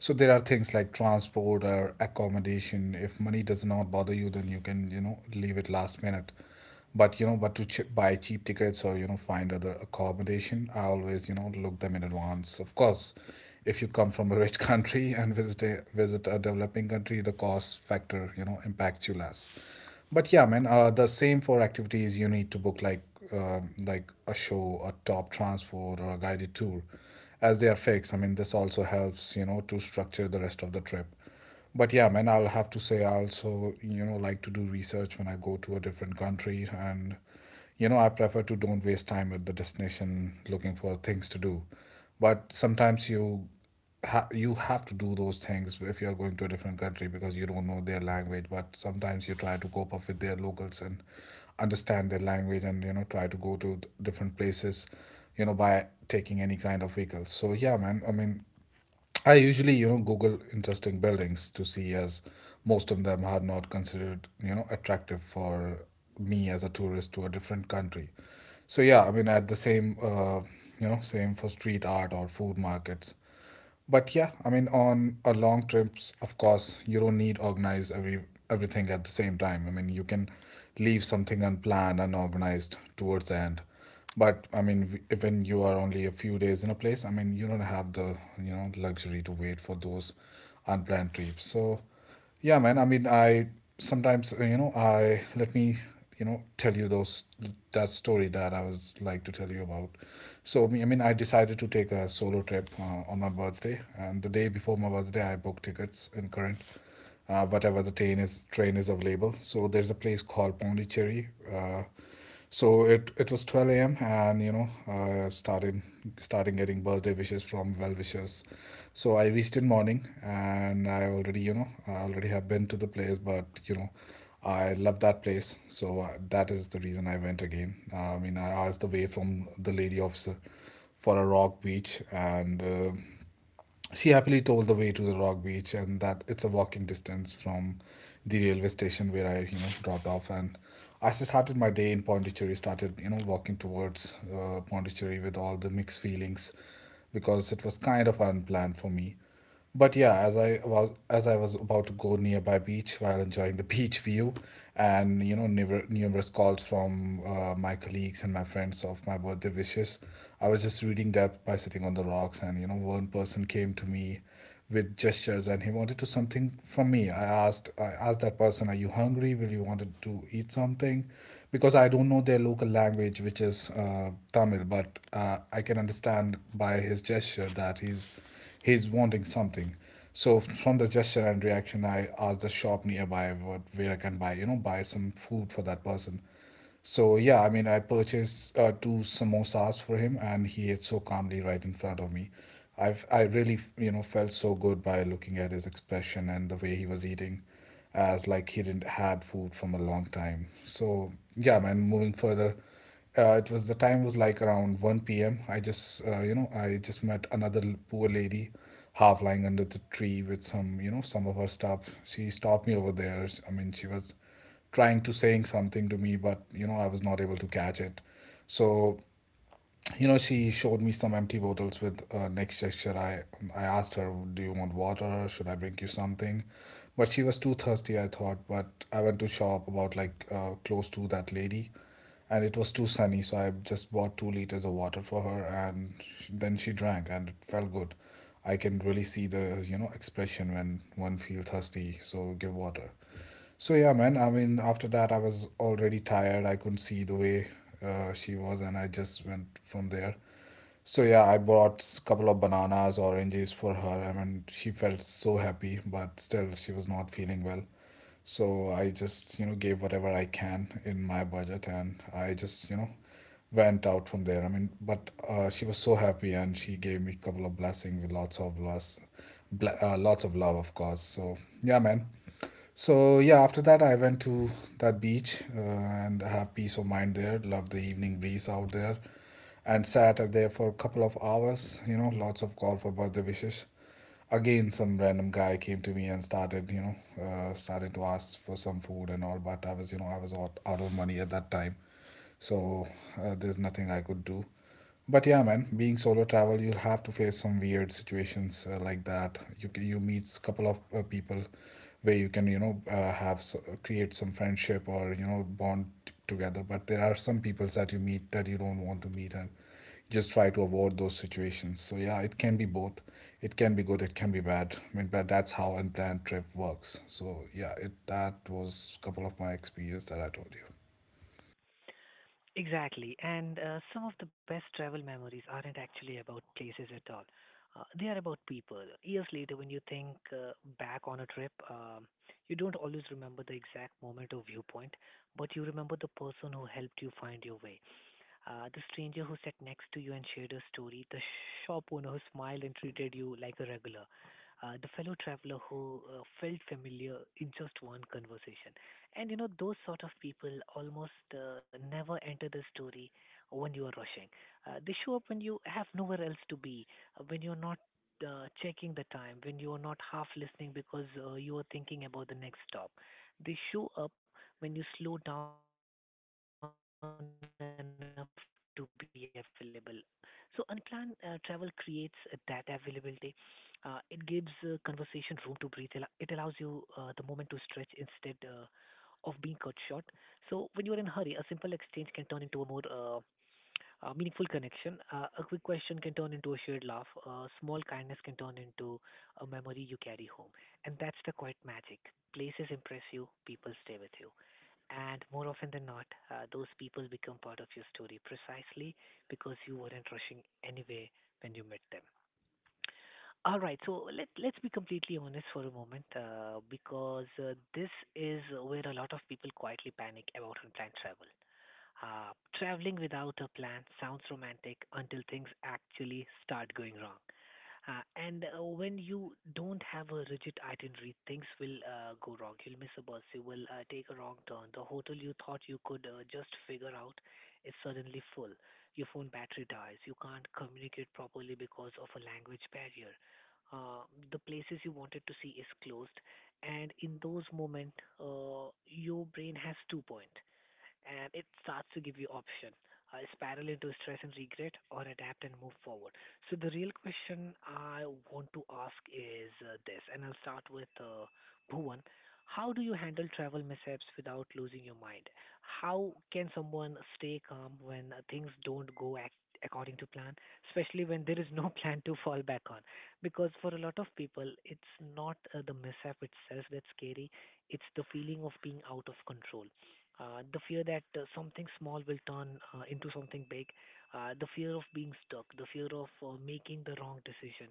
[SPEAKER 2] So there are things like transport or accommodation. If money does not bother you, then you can, you know, leave it last minute. But you know, but to ch- buy cheap tickets or you know find other accommodation, I always you know look them in advance. Of course, if you come from a rich country and visit a, visit a developing country, the cost factor you know impacts you less. But yeah, man, uh, the same for activities you need to book, like uh, like a show, a top transport, or a guided tour, as they are fixed. I mean, this also helps, you know, to structure the rest of the trip. But yeah, man, I'll have to say I also, you know, like to do research when I go to a different country, and you know, I prefer to don't waste time at the destination looking for things to do. But sometimes you ha- you have to do those things if you're going to a different country because you don't know their language. But sometimes you try to cope up with their locals and understand their language, and you know try to go to th- different places, you know, by taking any kind of vehicle. So yeah, man, I mean, I usually, you know, Google interesting buildings to see, as most of them are not considered, you know, attractive for me as a tourist to a different country. So yeah, I mean, at the same, uh, you know, same for street art or food markets. But yeah, I mean, on a long trips, of course, you don't need organize every everything at the same time. I mean, you can leave something unplanned, unorganized towards the end. But I mean, w- if when you are only a few days in a place, I mean, you don't have the, you know, luxury to wait for those unplanned trips. So, yeah, man. I mean, I sometimes, uh, you know, I let me, you know, tell you those that story that I was like to tell you about. So, me- I mean, I decided to take a solo trip uh, on my birthday, and the day before my birthday, I booked tickets in current, uh, whatever the train is train is available. So there's a place called Pondicherry. Uh, so it it was twelve a m, and you know I uh, started starting getting birthday wishes from well wishers. So I reached in morning, and I already you know I already have been to the place, but you know I love that place. So uh, that is the reason I went again. I mean, I asked the way from the lady officer for a rock beach and. Uh, she happily told the way to the rock beach, and that it's a walking distance from the railway station where I, you know, dropped off. And I just started my day in Pondicherry, started, you know, walking towards uh, Pondicherry with all the mixed feelings, because it was kind of unplanned for me. But yeah, as I was as I was about to go nearby beach while enjoying the beach view, and you know never, numerous calls from uh, my colleagues and my friends of my birthday wishes, I was just reading that by sitting on the rocks, and you know one person came to me with gestures, and he wanted to something from me. I asked I asked that person, "Are you hungry? Will you wanted to eat something?" Because I don't know their local language, which is uh, Tamil, but uh, I can understand by his gesture that he's he's wanting something. So from the gesture and reaction, I asked the shop nearby what where I can buy, you know, buy some food for that person. So yeah, I mean, I purchased uh, two samosas for him, and he ate so calmly right in front of me. I've I really you know felt so good by looking at his expression and the way he was eating, as like he didn't had food from a long time. So yeah, man. Moving further, uh, it was the time was like around one p m. I just, uh, you know, I just met another l- poor lady half lying under the tree with some, you know, some of her stuff. She stopped me over there. S- I mean, she was trying to saying something to me, but, you know, I was not able to catch it. So you know she showed me some empty bottles with uh, next gesture. I i asked her, do you want water, should I bring you something? But she was too thirsty I thought. But I went to shop about, like uh, close to that lady, and it was too sunny, so I just bought two liters of water for her, and sh then she drank and it felt good. I can really see the you know expression when one feels thirsty, so give water. So yeah, man. I mean, after that, I was already tired. I couldn't see the way uh, she was, and I just went from there. So yeah, I bought s- couple of bananas, oranges for her. I mean, she felt so happy, but still, she was not feeling well. So I just, you know, gave whatever I can in my budget, and I just, you know, went out from there. I mean, but uh, she was so happy, and she gave me a couple of blessings with lots of bless, bl- uh, lots of love, of course. So yeah, man. So yeah, after that I went to that beach uh, and I have peace of mind there. Love the evening breeze out there, and sat out there for a couple of hours. You know, lots of call for birthday wishes. Again, some random guy came to me and started, you know, uh, started to ask for some food and all. But I was, you know, I was out, out of money at that time, so uh, there's nothing I could do. But yeah, man, being solo travel, you'll have to face some weird situations uh, like that. You ca- you meet a couple of uh, people where you can you know uh, have s- uh, create some friendship or you know bond t- together. But there are some peoples that you meet that you don't want to meet, and just try to avoid those situations. So yeah, it can be both. It can be good. It can be bad. I mean, but that's how unplanned trip works. So yeah, it that was couple of my experience that I told you.
[SPEAKER 1] Exactly. And uh, some of the best travel memories aren't actually about places at all. Uh, they are about people. Years later, when you think uh, back on a trip, um, you don't always remember the exact moment or viewpoint, but you remember the person who helped you find your way. Uh, the stranger who sat next to you and shared her story, the shop owner who smiled and treated you like a regular, uh, the fellow traveler who uh, felt familiar in just one conversation. And you know, those sort of people almost uh, never enter the story when you are rushing. Uh, they show up when you have nowhere else to be, uh, when you're not uh, checking the time, when you're not half listening because uh, you are thinking about the next stop. They show up when you slow down enough to be available, so unplanned uh, travel creates uh, that availability. Uh, it gives uh, conversation room to breathe. Al- It allows you uh, the moment to stretch instead uh, of being cut short. So when you are in hurry, a simple exchange can turn into a more uh, a meaningful connection. Uh, a quick question can turn into a shared laugh. A small kindness can turn into a memory you carry home. And that's the quiet magic. Places impress you, people stay with you. And more often than not, uh, those people become part of your story precisely because you weren't rushing anyway when you met them. All right, so let let's be completely honest for a moment, uh, because uh, this is where a lot of people quietly panic about unplanned travel. Uh, Traveling without a plan sounds romantic until things actually start going wrong. Uh, and uh, when you don't have a rigid itinerary, things will uh, go wrong. You'll miss a bus, you will uh, take a wrong turn. The hotel you thought you could uh, just figure out is suddenly full. Your phone battery dies. You can't communicate properly because of a language barrier. Uh, the places you wanted to see is closed, and in those moments, uh, your brain has two points, and it starts to give you option, uh, spiral into stress and regret or adapt and move forward. So the real question I want to ask is uh, this, and I'll start with uh, Bhuvan. How do you handle travel mishaps without losing your mind? How can someone stay calm when uh, things don't go ac- according to plan, especially when there is no plan to fall back on? Because for a lot of people, it's not uh, the mishap itself that's scary, it's the feeling of being out of control. Uh, the fear that uh, something small will turn uh, into something big, uh, the fear of being stuck, the fear of uh, making the wrong decision.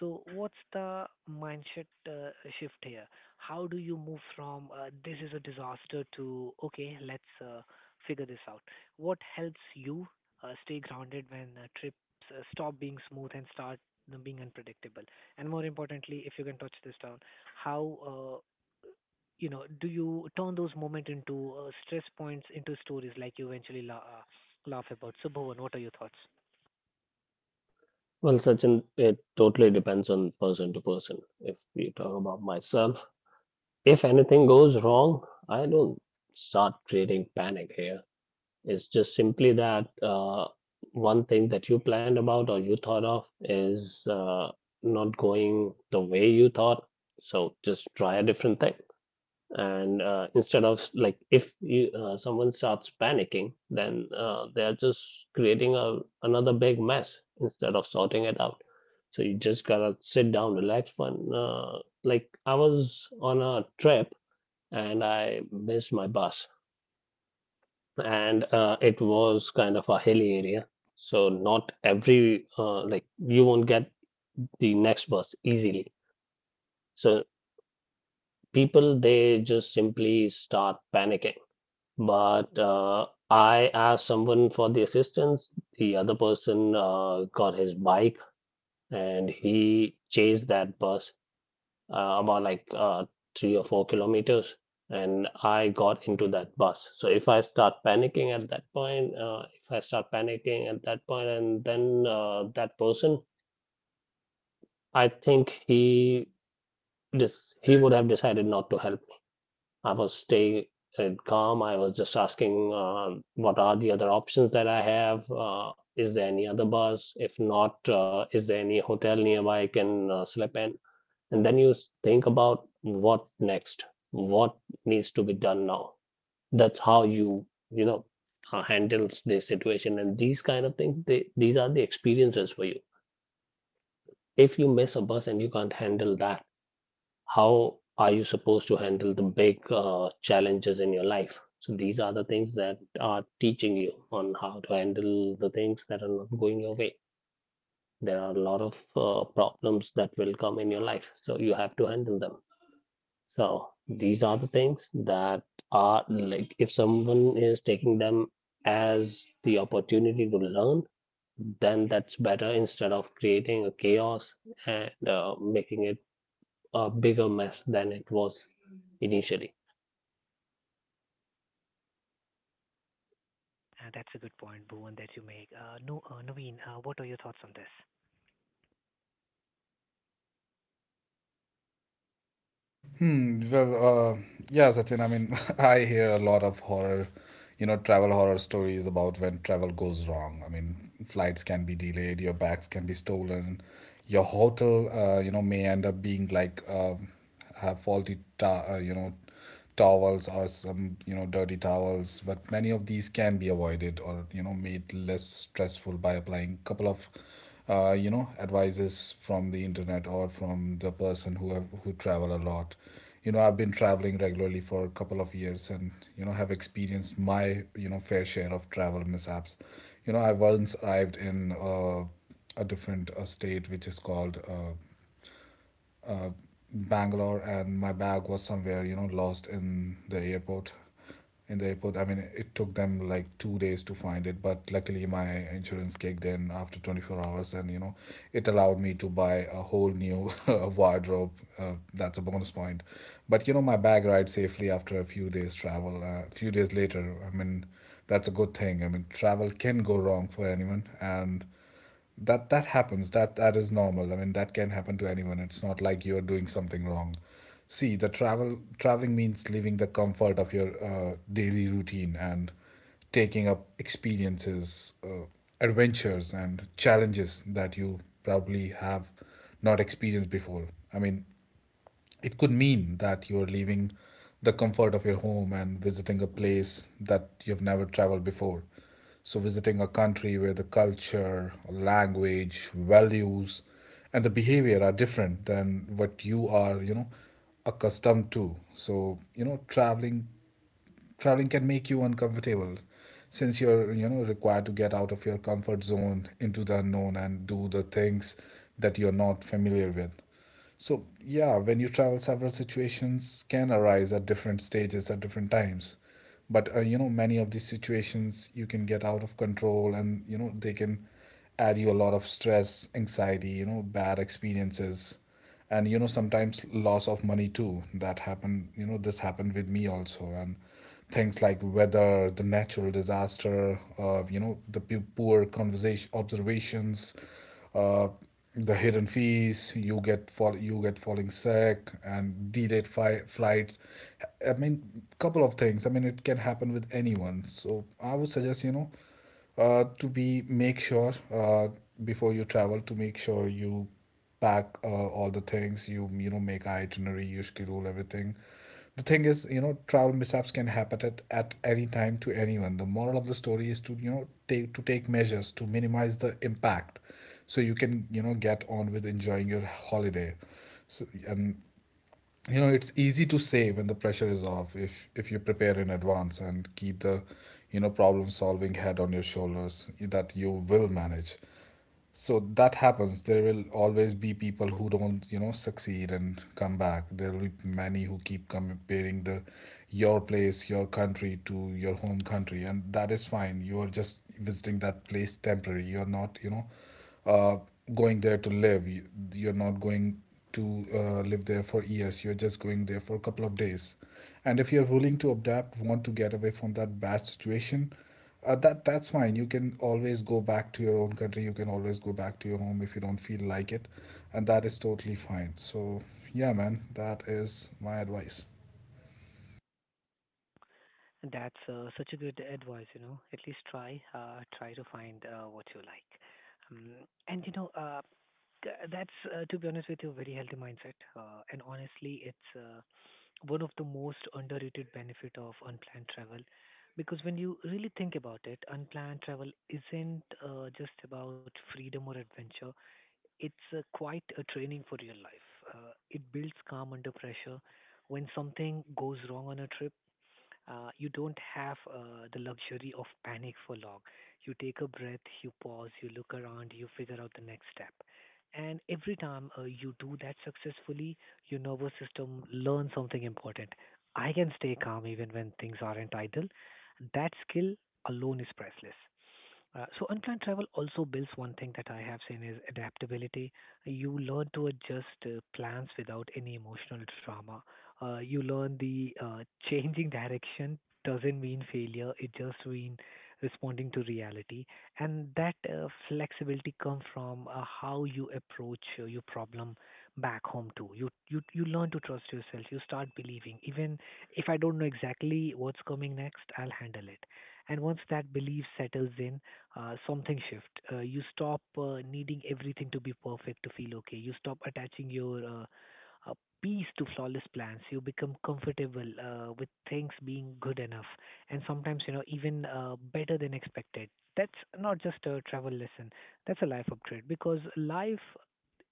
[SPEAKER 1] So, what's the mindset uh, shift here? How do you move from uh, this is a disaster to okay, let's uh, figure this out? What helps you uh, stay grounded when uh, trips uh, stop being smooth and start you being unpredictable? And more importantly, if you can touch this down, how uh, you know, do you turn those moments into uh, stress points into stories like you eventually la- uh, laugh about? So, Bhuvan, what are your thoughts?
[SPEAKER 3] Well, Sachin, it totally depends on person to person. If we talk about myself, if anything goes wrong, I don't start creating panic here. It's just simply that uh, one thing that you planned about or you thought of is uh, not going the way you thought. So just try a different thing, and uh, instead of like if you, uh, someone starts panicking, then uh, they're just creating a, another big mess instead of sorting it out. So you just gotta sit down, relax. One uh, Like I was on a trip and I missed my bus, and uh, it was kind of a hilly area, so not every uh, like you won't get the next bus easily. So people, they just simply start panicking. But uh, I asked someone for the assistance. The other person uh, got his bike and he chased that bus uh, about like uh, three or four kilometers. And I got into that bus. So if I start panicking at that point, uh, if I start panicking at that point, and then uh, that person, I think he this he would have decided not to help. I was staying calm. I was just asking, uh, what are the other options that I have? Uh, is there any other bus? If not, uh, is there any hotel nearby I can uh, sleep in? And then you s- think about what next, what needs to be done now. That's how you, you know, uh, handles the situation. And these kind of things, they, these are the experiences for you. If you miss a bus and you can't handle that, how are you supposed to handle the big uh, challenges in your life? So these are the things that are teaching you on how to handle the things that are not going your way. There are a lot of uh, problems that will come in your life, so you have to handle them. So these are the things that are like, if someone is taking them as the opportunity to learn, then that's better instead of creating a chaos and uh, making it a bigger mess than it was initially.
[SPEAKER 1] Uh, that's a good point, Bhuvan, that you make. Uh, no, uh, Naveen, uh, what are your thoughts on this?
[SPEAKER 2] Hmm. Well, uh, yeah, Sachin. I mean, I hear a lot of horror, you know, travel horror stories about when travel goes wrong. I mean, flights can be delayed, your bags can be stolen, your hotel, uh, you know, may end up being like uh, have faulty, ta- uh, you know, towels or some you know dirty towels, but many of these can be avoided or you know made less stressful by applying a couple of uh, you know advices from the internet or from the person who have, who travel a lot. You know, I've been traveling regularly for a couple of years, and you know have experienced my you know fair share of travel mishaps. You know, I once arrived in uh, a different uh, state which is called uh, uh, Bangalore, and my bag was somewhere, you know, lost in the airport. In the airport, I mean, it took them like two days to find it, but luckily my insurance kicked in after twenty-four hours, and you know, it allowed me to buy a whole new wardrobe. Uh, that's a bonus point. But you know, my bag arrived safely after a few days travel. A few days later, I mean, that's a good thing. I mean, travel can go wrong for anyone, and that that happens. That that is normal. I mean, that can happen to anyone. It's not like you're doing something wrong. See, the travel traveling means leaving the comfort of your uh, daily routine and taking up experiences, uh, adventures and challenges that you probably have not experienced before. I mean, it could mean that you're leaving the comfort of your home and visiting a place that you've never traveled before. So, visiting a country where the culture, language, values, and the behavior are different than what you are, you know, accustomed to. So, you know, traveling traveling can make you uncomfortable since you're you know required to get out of your comfort zone into the unknown and do the things that you're not familiar with. So yeah, when you travel, several situations can arise at different stages, at different times. But uh, you know, many of these situations you can get out of control, and you know, they can add you a lot of stress, anxiety, you know, bad experiences, and you know, sometimes loss of money too. That happened, you know, this happened with me also. And things like weather, the natural disaster, uh, you know, the pu- poor conversation observations, uh, the hidden fees, you get fall you get falling sick, and delayed fi- flights. I mean, couple of things. I mean, it can happen with anyone. So I would suggest, you know, uh, to be make sure, uh, before you travel, to make sure you pack uh, all the things, you you know, make itinerary, you schedule everything. The thing is, you know, travel mishaps can happen at, at any time to anyone. The moral of the story is to, you know, take to take measures to minimize the impact, so you can, you know, get on with enjoying your holiday. So, and you know, it's easy to say when the pressure is off. If if you prepare in advance and keep the, you know, problem solving head on your shoulders, that you will manage. So that happens. There will always be people who don't, you know, succeed and come back. There will be many who keep comparing the your place, your country, to your home country, and that is fine. You are just visiting that place temporary. You're not, you know, uh, going there to live. You- You're not going to uh, live there for years. You're just going there for a couple of days. And if you're willing to adapt, want to get away from that bad situation, uh, that that's fine. You can always go back to your own country. You can always go back to your home if you don't feel like it, and that is totally fine. So yeah man, that is my advice.
[SPEAKER 1] That's uh, such a good advice, you know. At least try, uh, try to find uh, what you like. Um, and you know, uh, Th- That's, uh, to be honest with you, a very healthy mindset. Uh, and honestly, it's uh, one of the most underrated benefit of unplanned travel. Because when you really think about it, unplanned travel isn't uh, just about freedom or adventure. It's uh, quite a training for real life. Uh, it builds calm under pressure. When something goes wrong on a trip, uh, you don't have uh, the luxury of panic for long. You take a breath, you pause, you look around, you figure out the next step. And every time uh, you do that successfully, your nervous system learns something important. I can stay calm even when things aren't idle. That skill alone is priceless. Uh, so unplanned travel also builds one thing that I have seen is adaptability. You learn to adjust uh, plans without any emotional drama. Uh, you learn the uh, changing direction doesn't mean failure. It just means responding to reality. And that uh, flexibility comes from uh, how you approach uh, your problem back home too. You you you learn to trust yourself. You start believing even if I don't know exactly what's coming next, I'll handle it. And once that belief settles in, uh, something shift. Uh, you stop uh, needing everything to be perfect to feel okay. You stop attaching your uh, uh, peace to flawless plans. You become comfortable uh, with things being good enough, and sometimes you know even uh, better than expected. That's not just a travel lesson. That's a life upgrade because life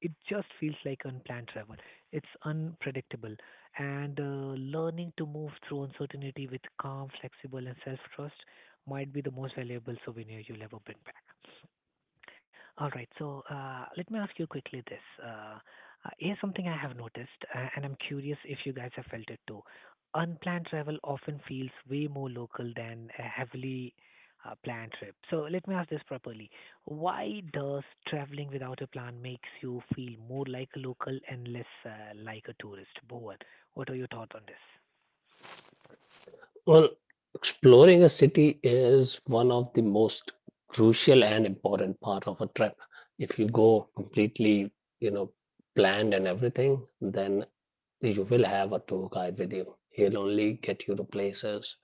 [SPEAKER 1] it just feels like unplanned travel. It's unpredictable, and uh, learning to move through uncertainty with calm, flexible, and self-trust might be the most valuable souvenir you'll ever bring back. All right, so uh, let me ask you quickly this. Uh, uh, here's something I have noticed, uh, and I'm curious if you guys have felt it too. Unplanned travel often feels way more local than a heavily uh, planned trip. So let me ask this properly. Why does traveling without a plan makes you feel more like a local and less uh, like a tourist? Bhuvan, what are your thoughts on this?
[SPEAKER 3] Well, exploring a city is one of the most crucial and important part of a trip. If you go completely, you know, planned and everything, then you will have a tour guide with you. He'll only get you to places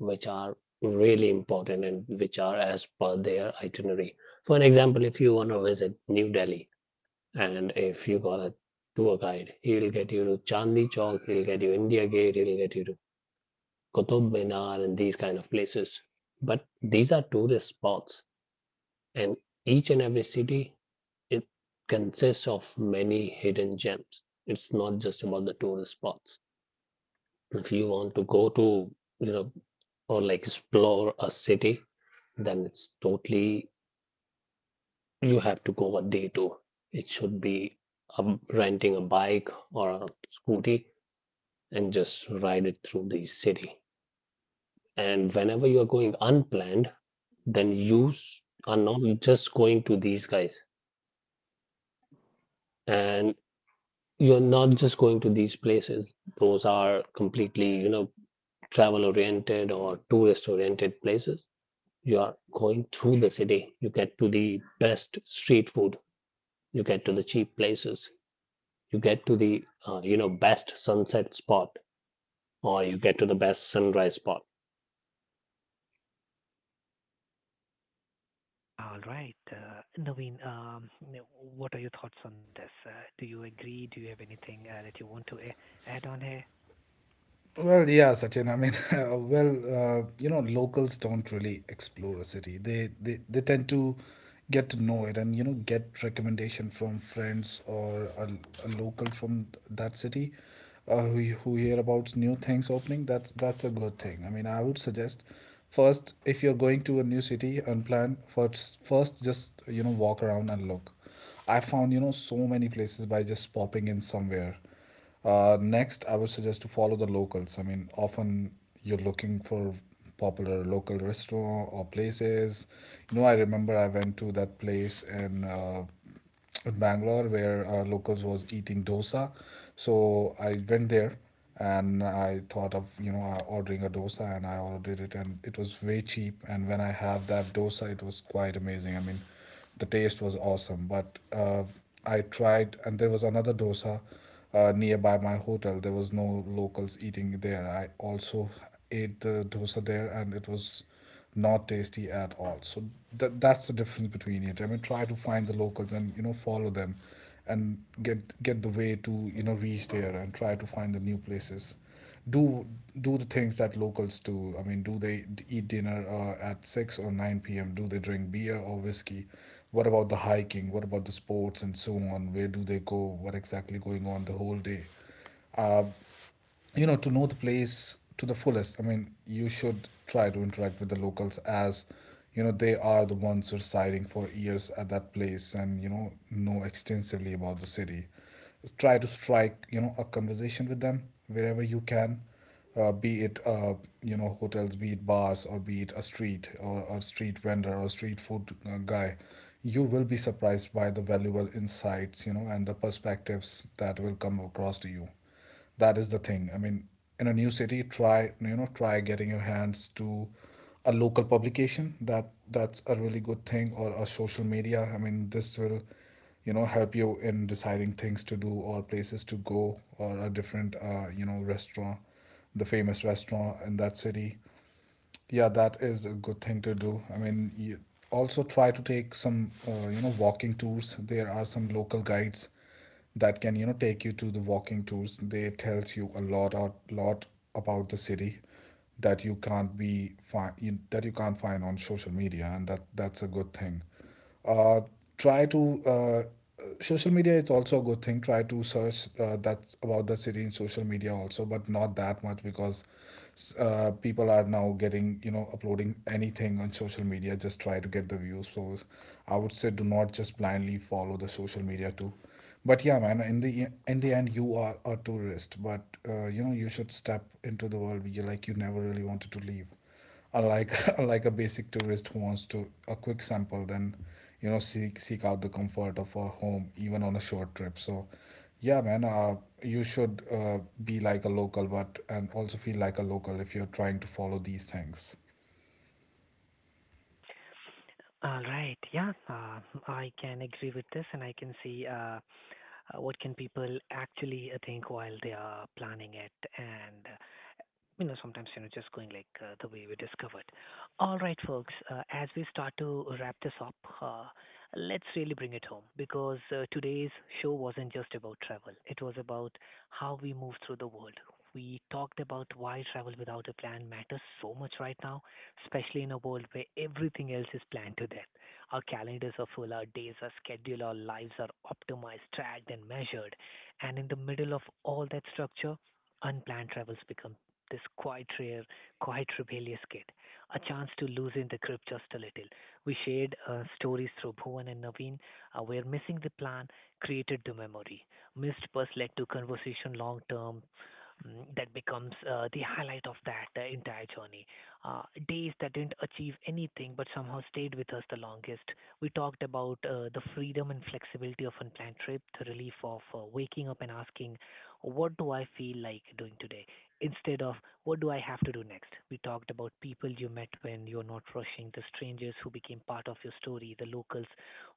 [SPEAKER 3] which are really important and which are as per their itinerary. For an example, if you want to visit New Delhi, and if you got a tour guide, he'll get you to Chandni Chowk, he'll get you India Gate, he'll get you to Qutub Minar and these kind of places. But these are tourist spots, and each and every city, it consists of many hidden gems. It's not just about the tourist spots. If you want to go to, you know, or like explore a city, then it's totally you have to go a day tour. It should be um renting a bike or a scooty and just ride it through the city. And whenever you are going unplanned, then you s- are not just going to these guys and you're not just going to these places. Those are completely, you know, travel oriented or tourist oriented places. You are going through the city. You get to the best street food. You get to the cheap places. You get to the, uh, you know, best sunset spot or you get to the best sunrise spot.
[SPEAKER 1] All right. Uh, Naveen, um, n- what are your thoughts on this? Uh, do you agree? Do you have anything uh, that you want to a- add on here?
[SPEAKER 2] Well, yeah, Sachin. I mean, uh, well, uh, you know, locals don't really explore a city. They, they they tend to get to know it, and you know, get recommendation from friends or a, a local from that city uh, who who hear about new things opening. That's that's a good thing. I mean, I would suggest, first, if you're going to a new city unplanned, first first just, you know, walk around and look. I found, you know, so many places by just popping in somewhere. Uh, next, I would suggest to follow the locals. I mean, often you're looking for popular local restaurant or places. You know, I remember I went to that place in uh, in Bangalore where uh, locals was eating dosa. So I went there and I thought of, you know, uh, ordering a dosa, and I ordered it, and it was way cheap. And when I have that dosa, it was quite amazing. I mean, the taste was awesome. But uh, I tried, and there was another dosa uh, nearby my hotel. There was no locals eating there. I also ate the dosa there, and it was not tasty at all. So that that's the difference between it. I mean, try to find the locals and, you know, follow them, and get get the way to, you know, reach there, and try to find the new places. Do do the things that locals do. I mean, do they eat dinner uh, at six or nine p m? Do they drink beer or whiskey? What about the hiking? What about the sports and so on? Where do they go? What exactly going on the whole day? Uh, you know, to know the place to the fullest, I mean, you should try to interact with the locals, as you know, they are the ones residing for years at that place, and you know know extensively about the city. Try to strike, you know, a conversation with them wherever you can, uh, be it uh, you know, hotels, be it bars, or be it a street, or a street vendor, or street food uh, guy. You will be surprised by the valuable insights, you know, and the perspectives that will come across to you. That is the thing. I mean, in a new city, try, you know, try getting your hands to a local publication. That that's a really good thing, or a social media. I mean, this will, you know, help you in deciding things to do, or places to go, or a different, uh, you know, restaurant, the famous restaurant in that city. Yeah, that is a good thing to do. I mean, you also try to take some, uh, you know, walking tours. There are some local guides that can, you know, take you to the walking tours. They tells you a lot, a lot about the city that you can't be find that you can't find on social media, and that that's a good thing. uh, Try to uh, social media is also a good thing. Try to search, uh, that's about the city in social media also, but not that much, because uh, people are now getting, you know, uploading anything on social media just try to get the views. So I would say, do not just blindly follow the social media too. But yeah man, in the in the end, you are a tourist, but uh, you know, you should step into the world you like you never really wanted to leave, unlike unlike a basic tourist who wants to a quick sample, then you know, seek seek out the comfort of a home even on a short trip. So yeah man, uh, you should uh, be like a local, but and also feel like a local if you're trying to follow these things.
[SPEAKER 1] All right. Yeah, uh, I can agree with this, and I can see uh, uh, what can people actually uh, think while they are planning it, and uh, you know, sometimes, you know, just going like uh, the way we discovered. All right, folks, uh, as we start to wrap this up, uh, let's really bring it home because uh, today's show wasn't just about travel, it was about how we move through the world. We talked about why travel without a plan matters so much right now, especially in a world where everything else is planned to death. Our calendars are full, our days are scheduled, our lives are optimized, tracked, and measured. And in the middle of all that structure, unplanned travels become this quite rare, quite rebellious kid, a chance to loosen the grip just a little. We shared uh, stories through Bhuvan and Naveen, uh, where missing the plan created the memory. Missed bus led to conversation long term. mm, That becomes uh, the highlight of that uh, entire journey. Uh, days that didn't achieve anything but somehow stayed with us the longest. We talked about uh, the freedom and flexibility of unplanned trip, the relief of uh, waking up and asking, what do I feel like doing today? Instead of, what do I have to do next? We talked about people you met when you're not rushing, the strangers who became part of your story, the locals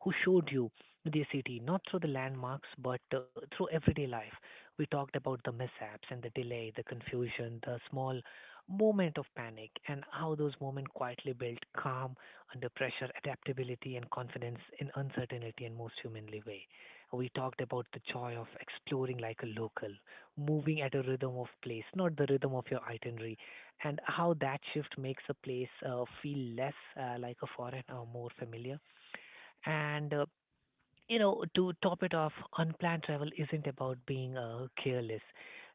[SPEAKER 1] who showed you their city, not through the landmarks, but uh, through everyday life. We talked about the mishaps and the delay, the confusion, the small moment of panic, and how those moments quietly built calm under pressure, adaptability, and confidence in uncertainty and most humanly way. We talked about the joy of exploring like a local, moving at a rhythm of place, not the rhythm of your itinerary, and how that shift makes a place uh, feel less uh, like a foreign or more familiar. And uh, you know, to top it off, unplanned travel isn't about being uh, careless.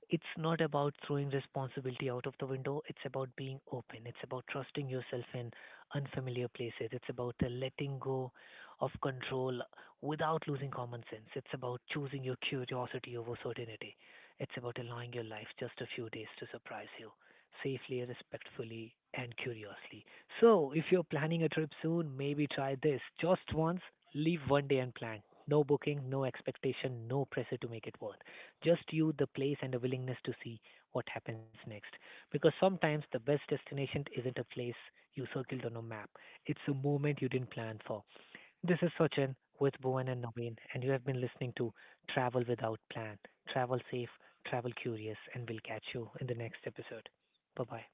[SPEAKER 1] It's not about throwing responsibility out of the window. It's about being open. It's about trusting yourself in unfamiliar places. It's about the letting go of control without losing common sense. It's about choosing your curiosity over certainty. It's about allowing your life just a few days to surprise you safely, respectfully, and curiously. So, if you're planning a trip soon, maybe try this just once, leave one day and plan. No booking, no expectation, no pressure to make it worth. Just you, the place, and a willingness to see what happens next. Because sometimes the best destination isn't a place you circled on a map, it's a moment you didn't plan for. This is Sachin with Bowen and Naveen, and you have been listening to Travel Without Plan. Travel safe, travel curious, and we'll catch you in the next episode. Bye bye.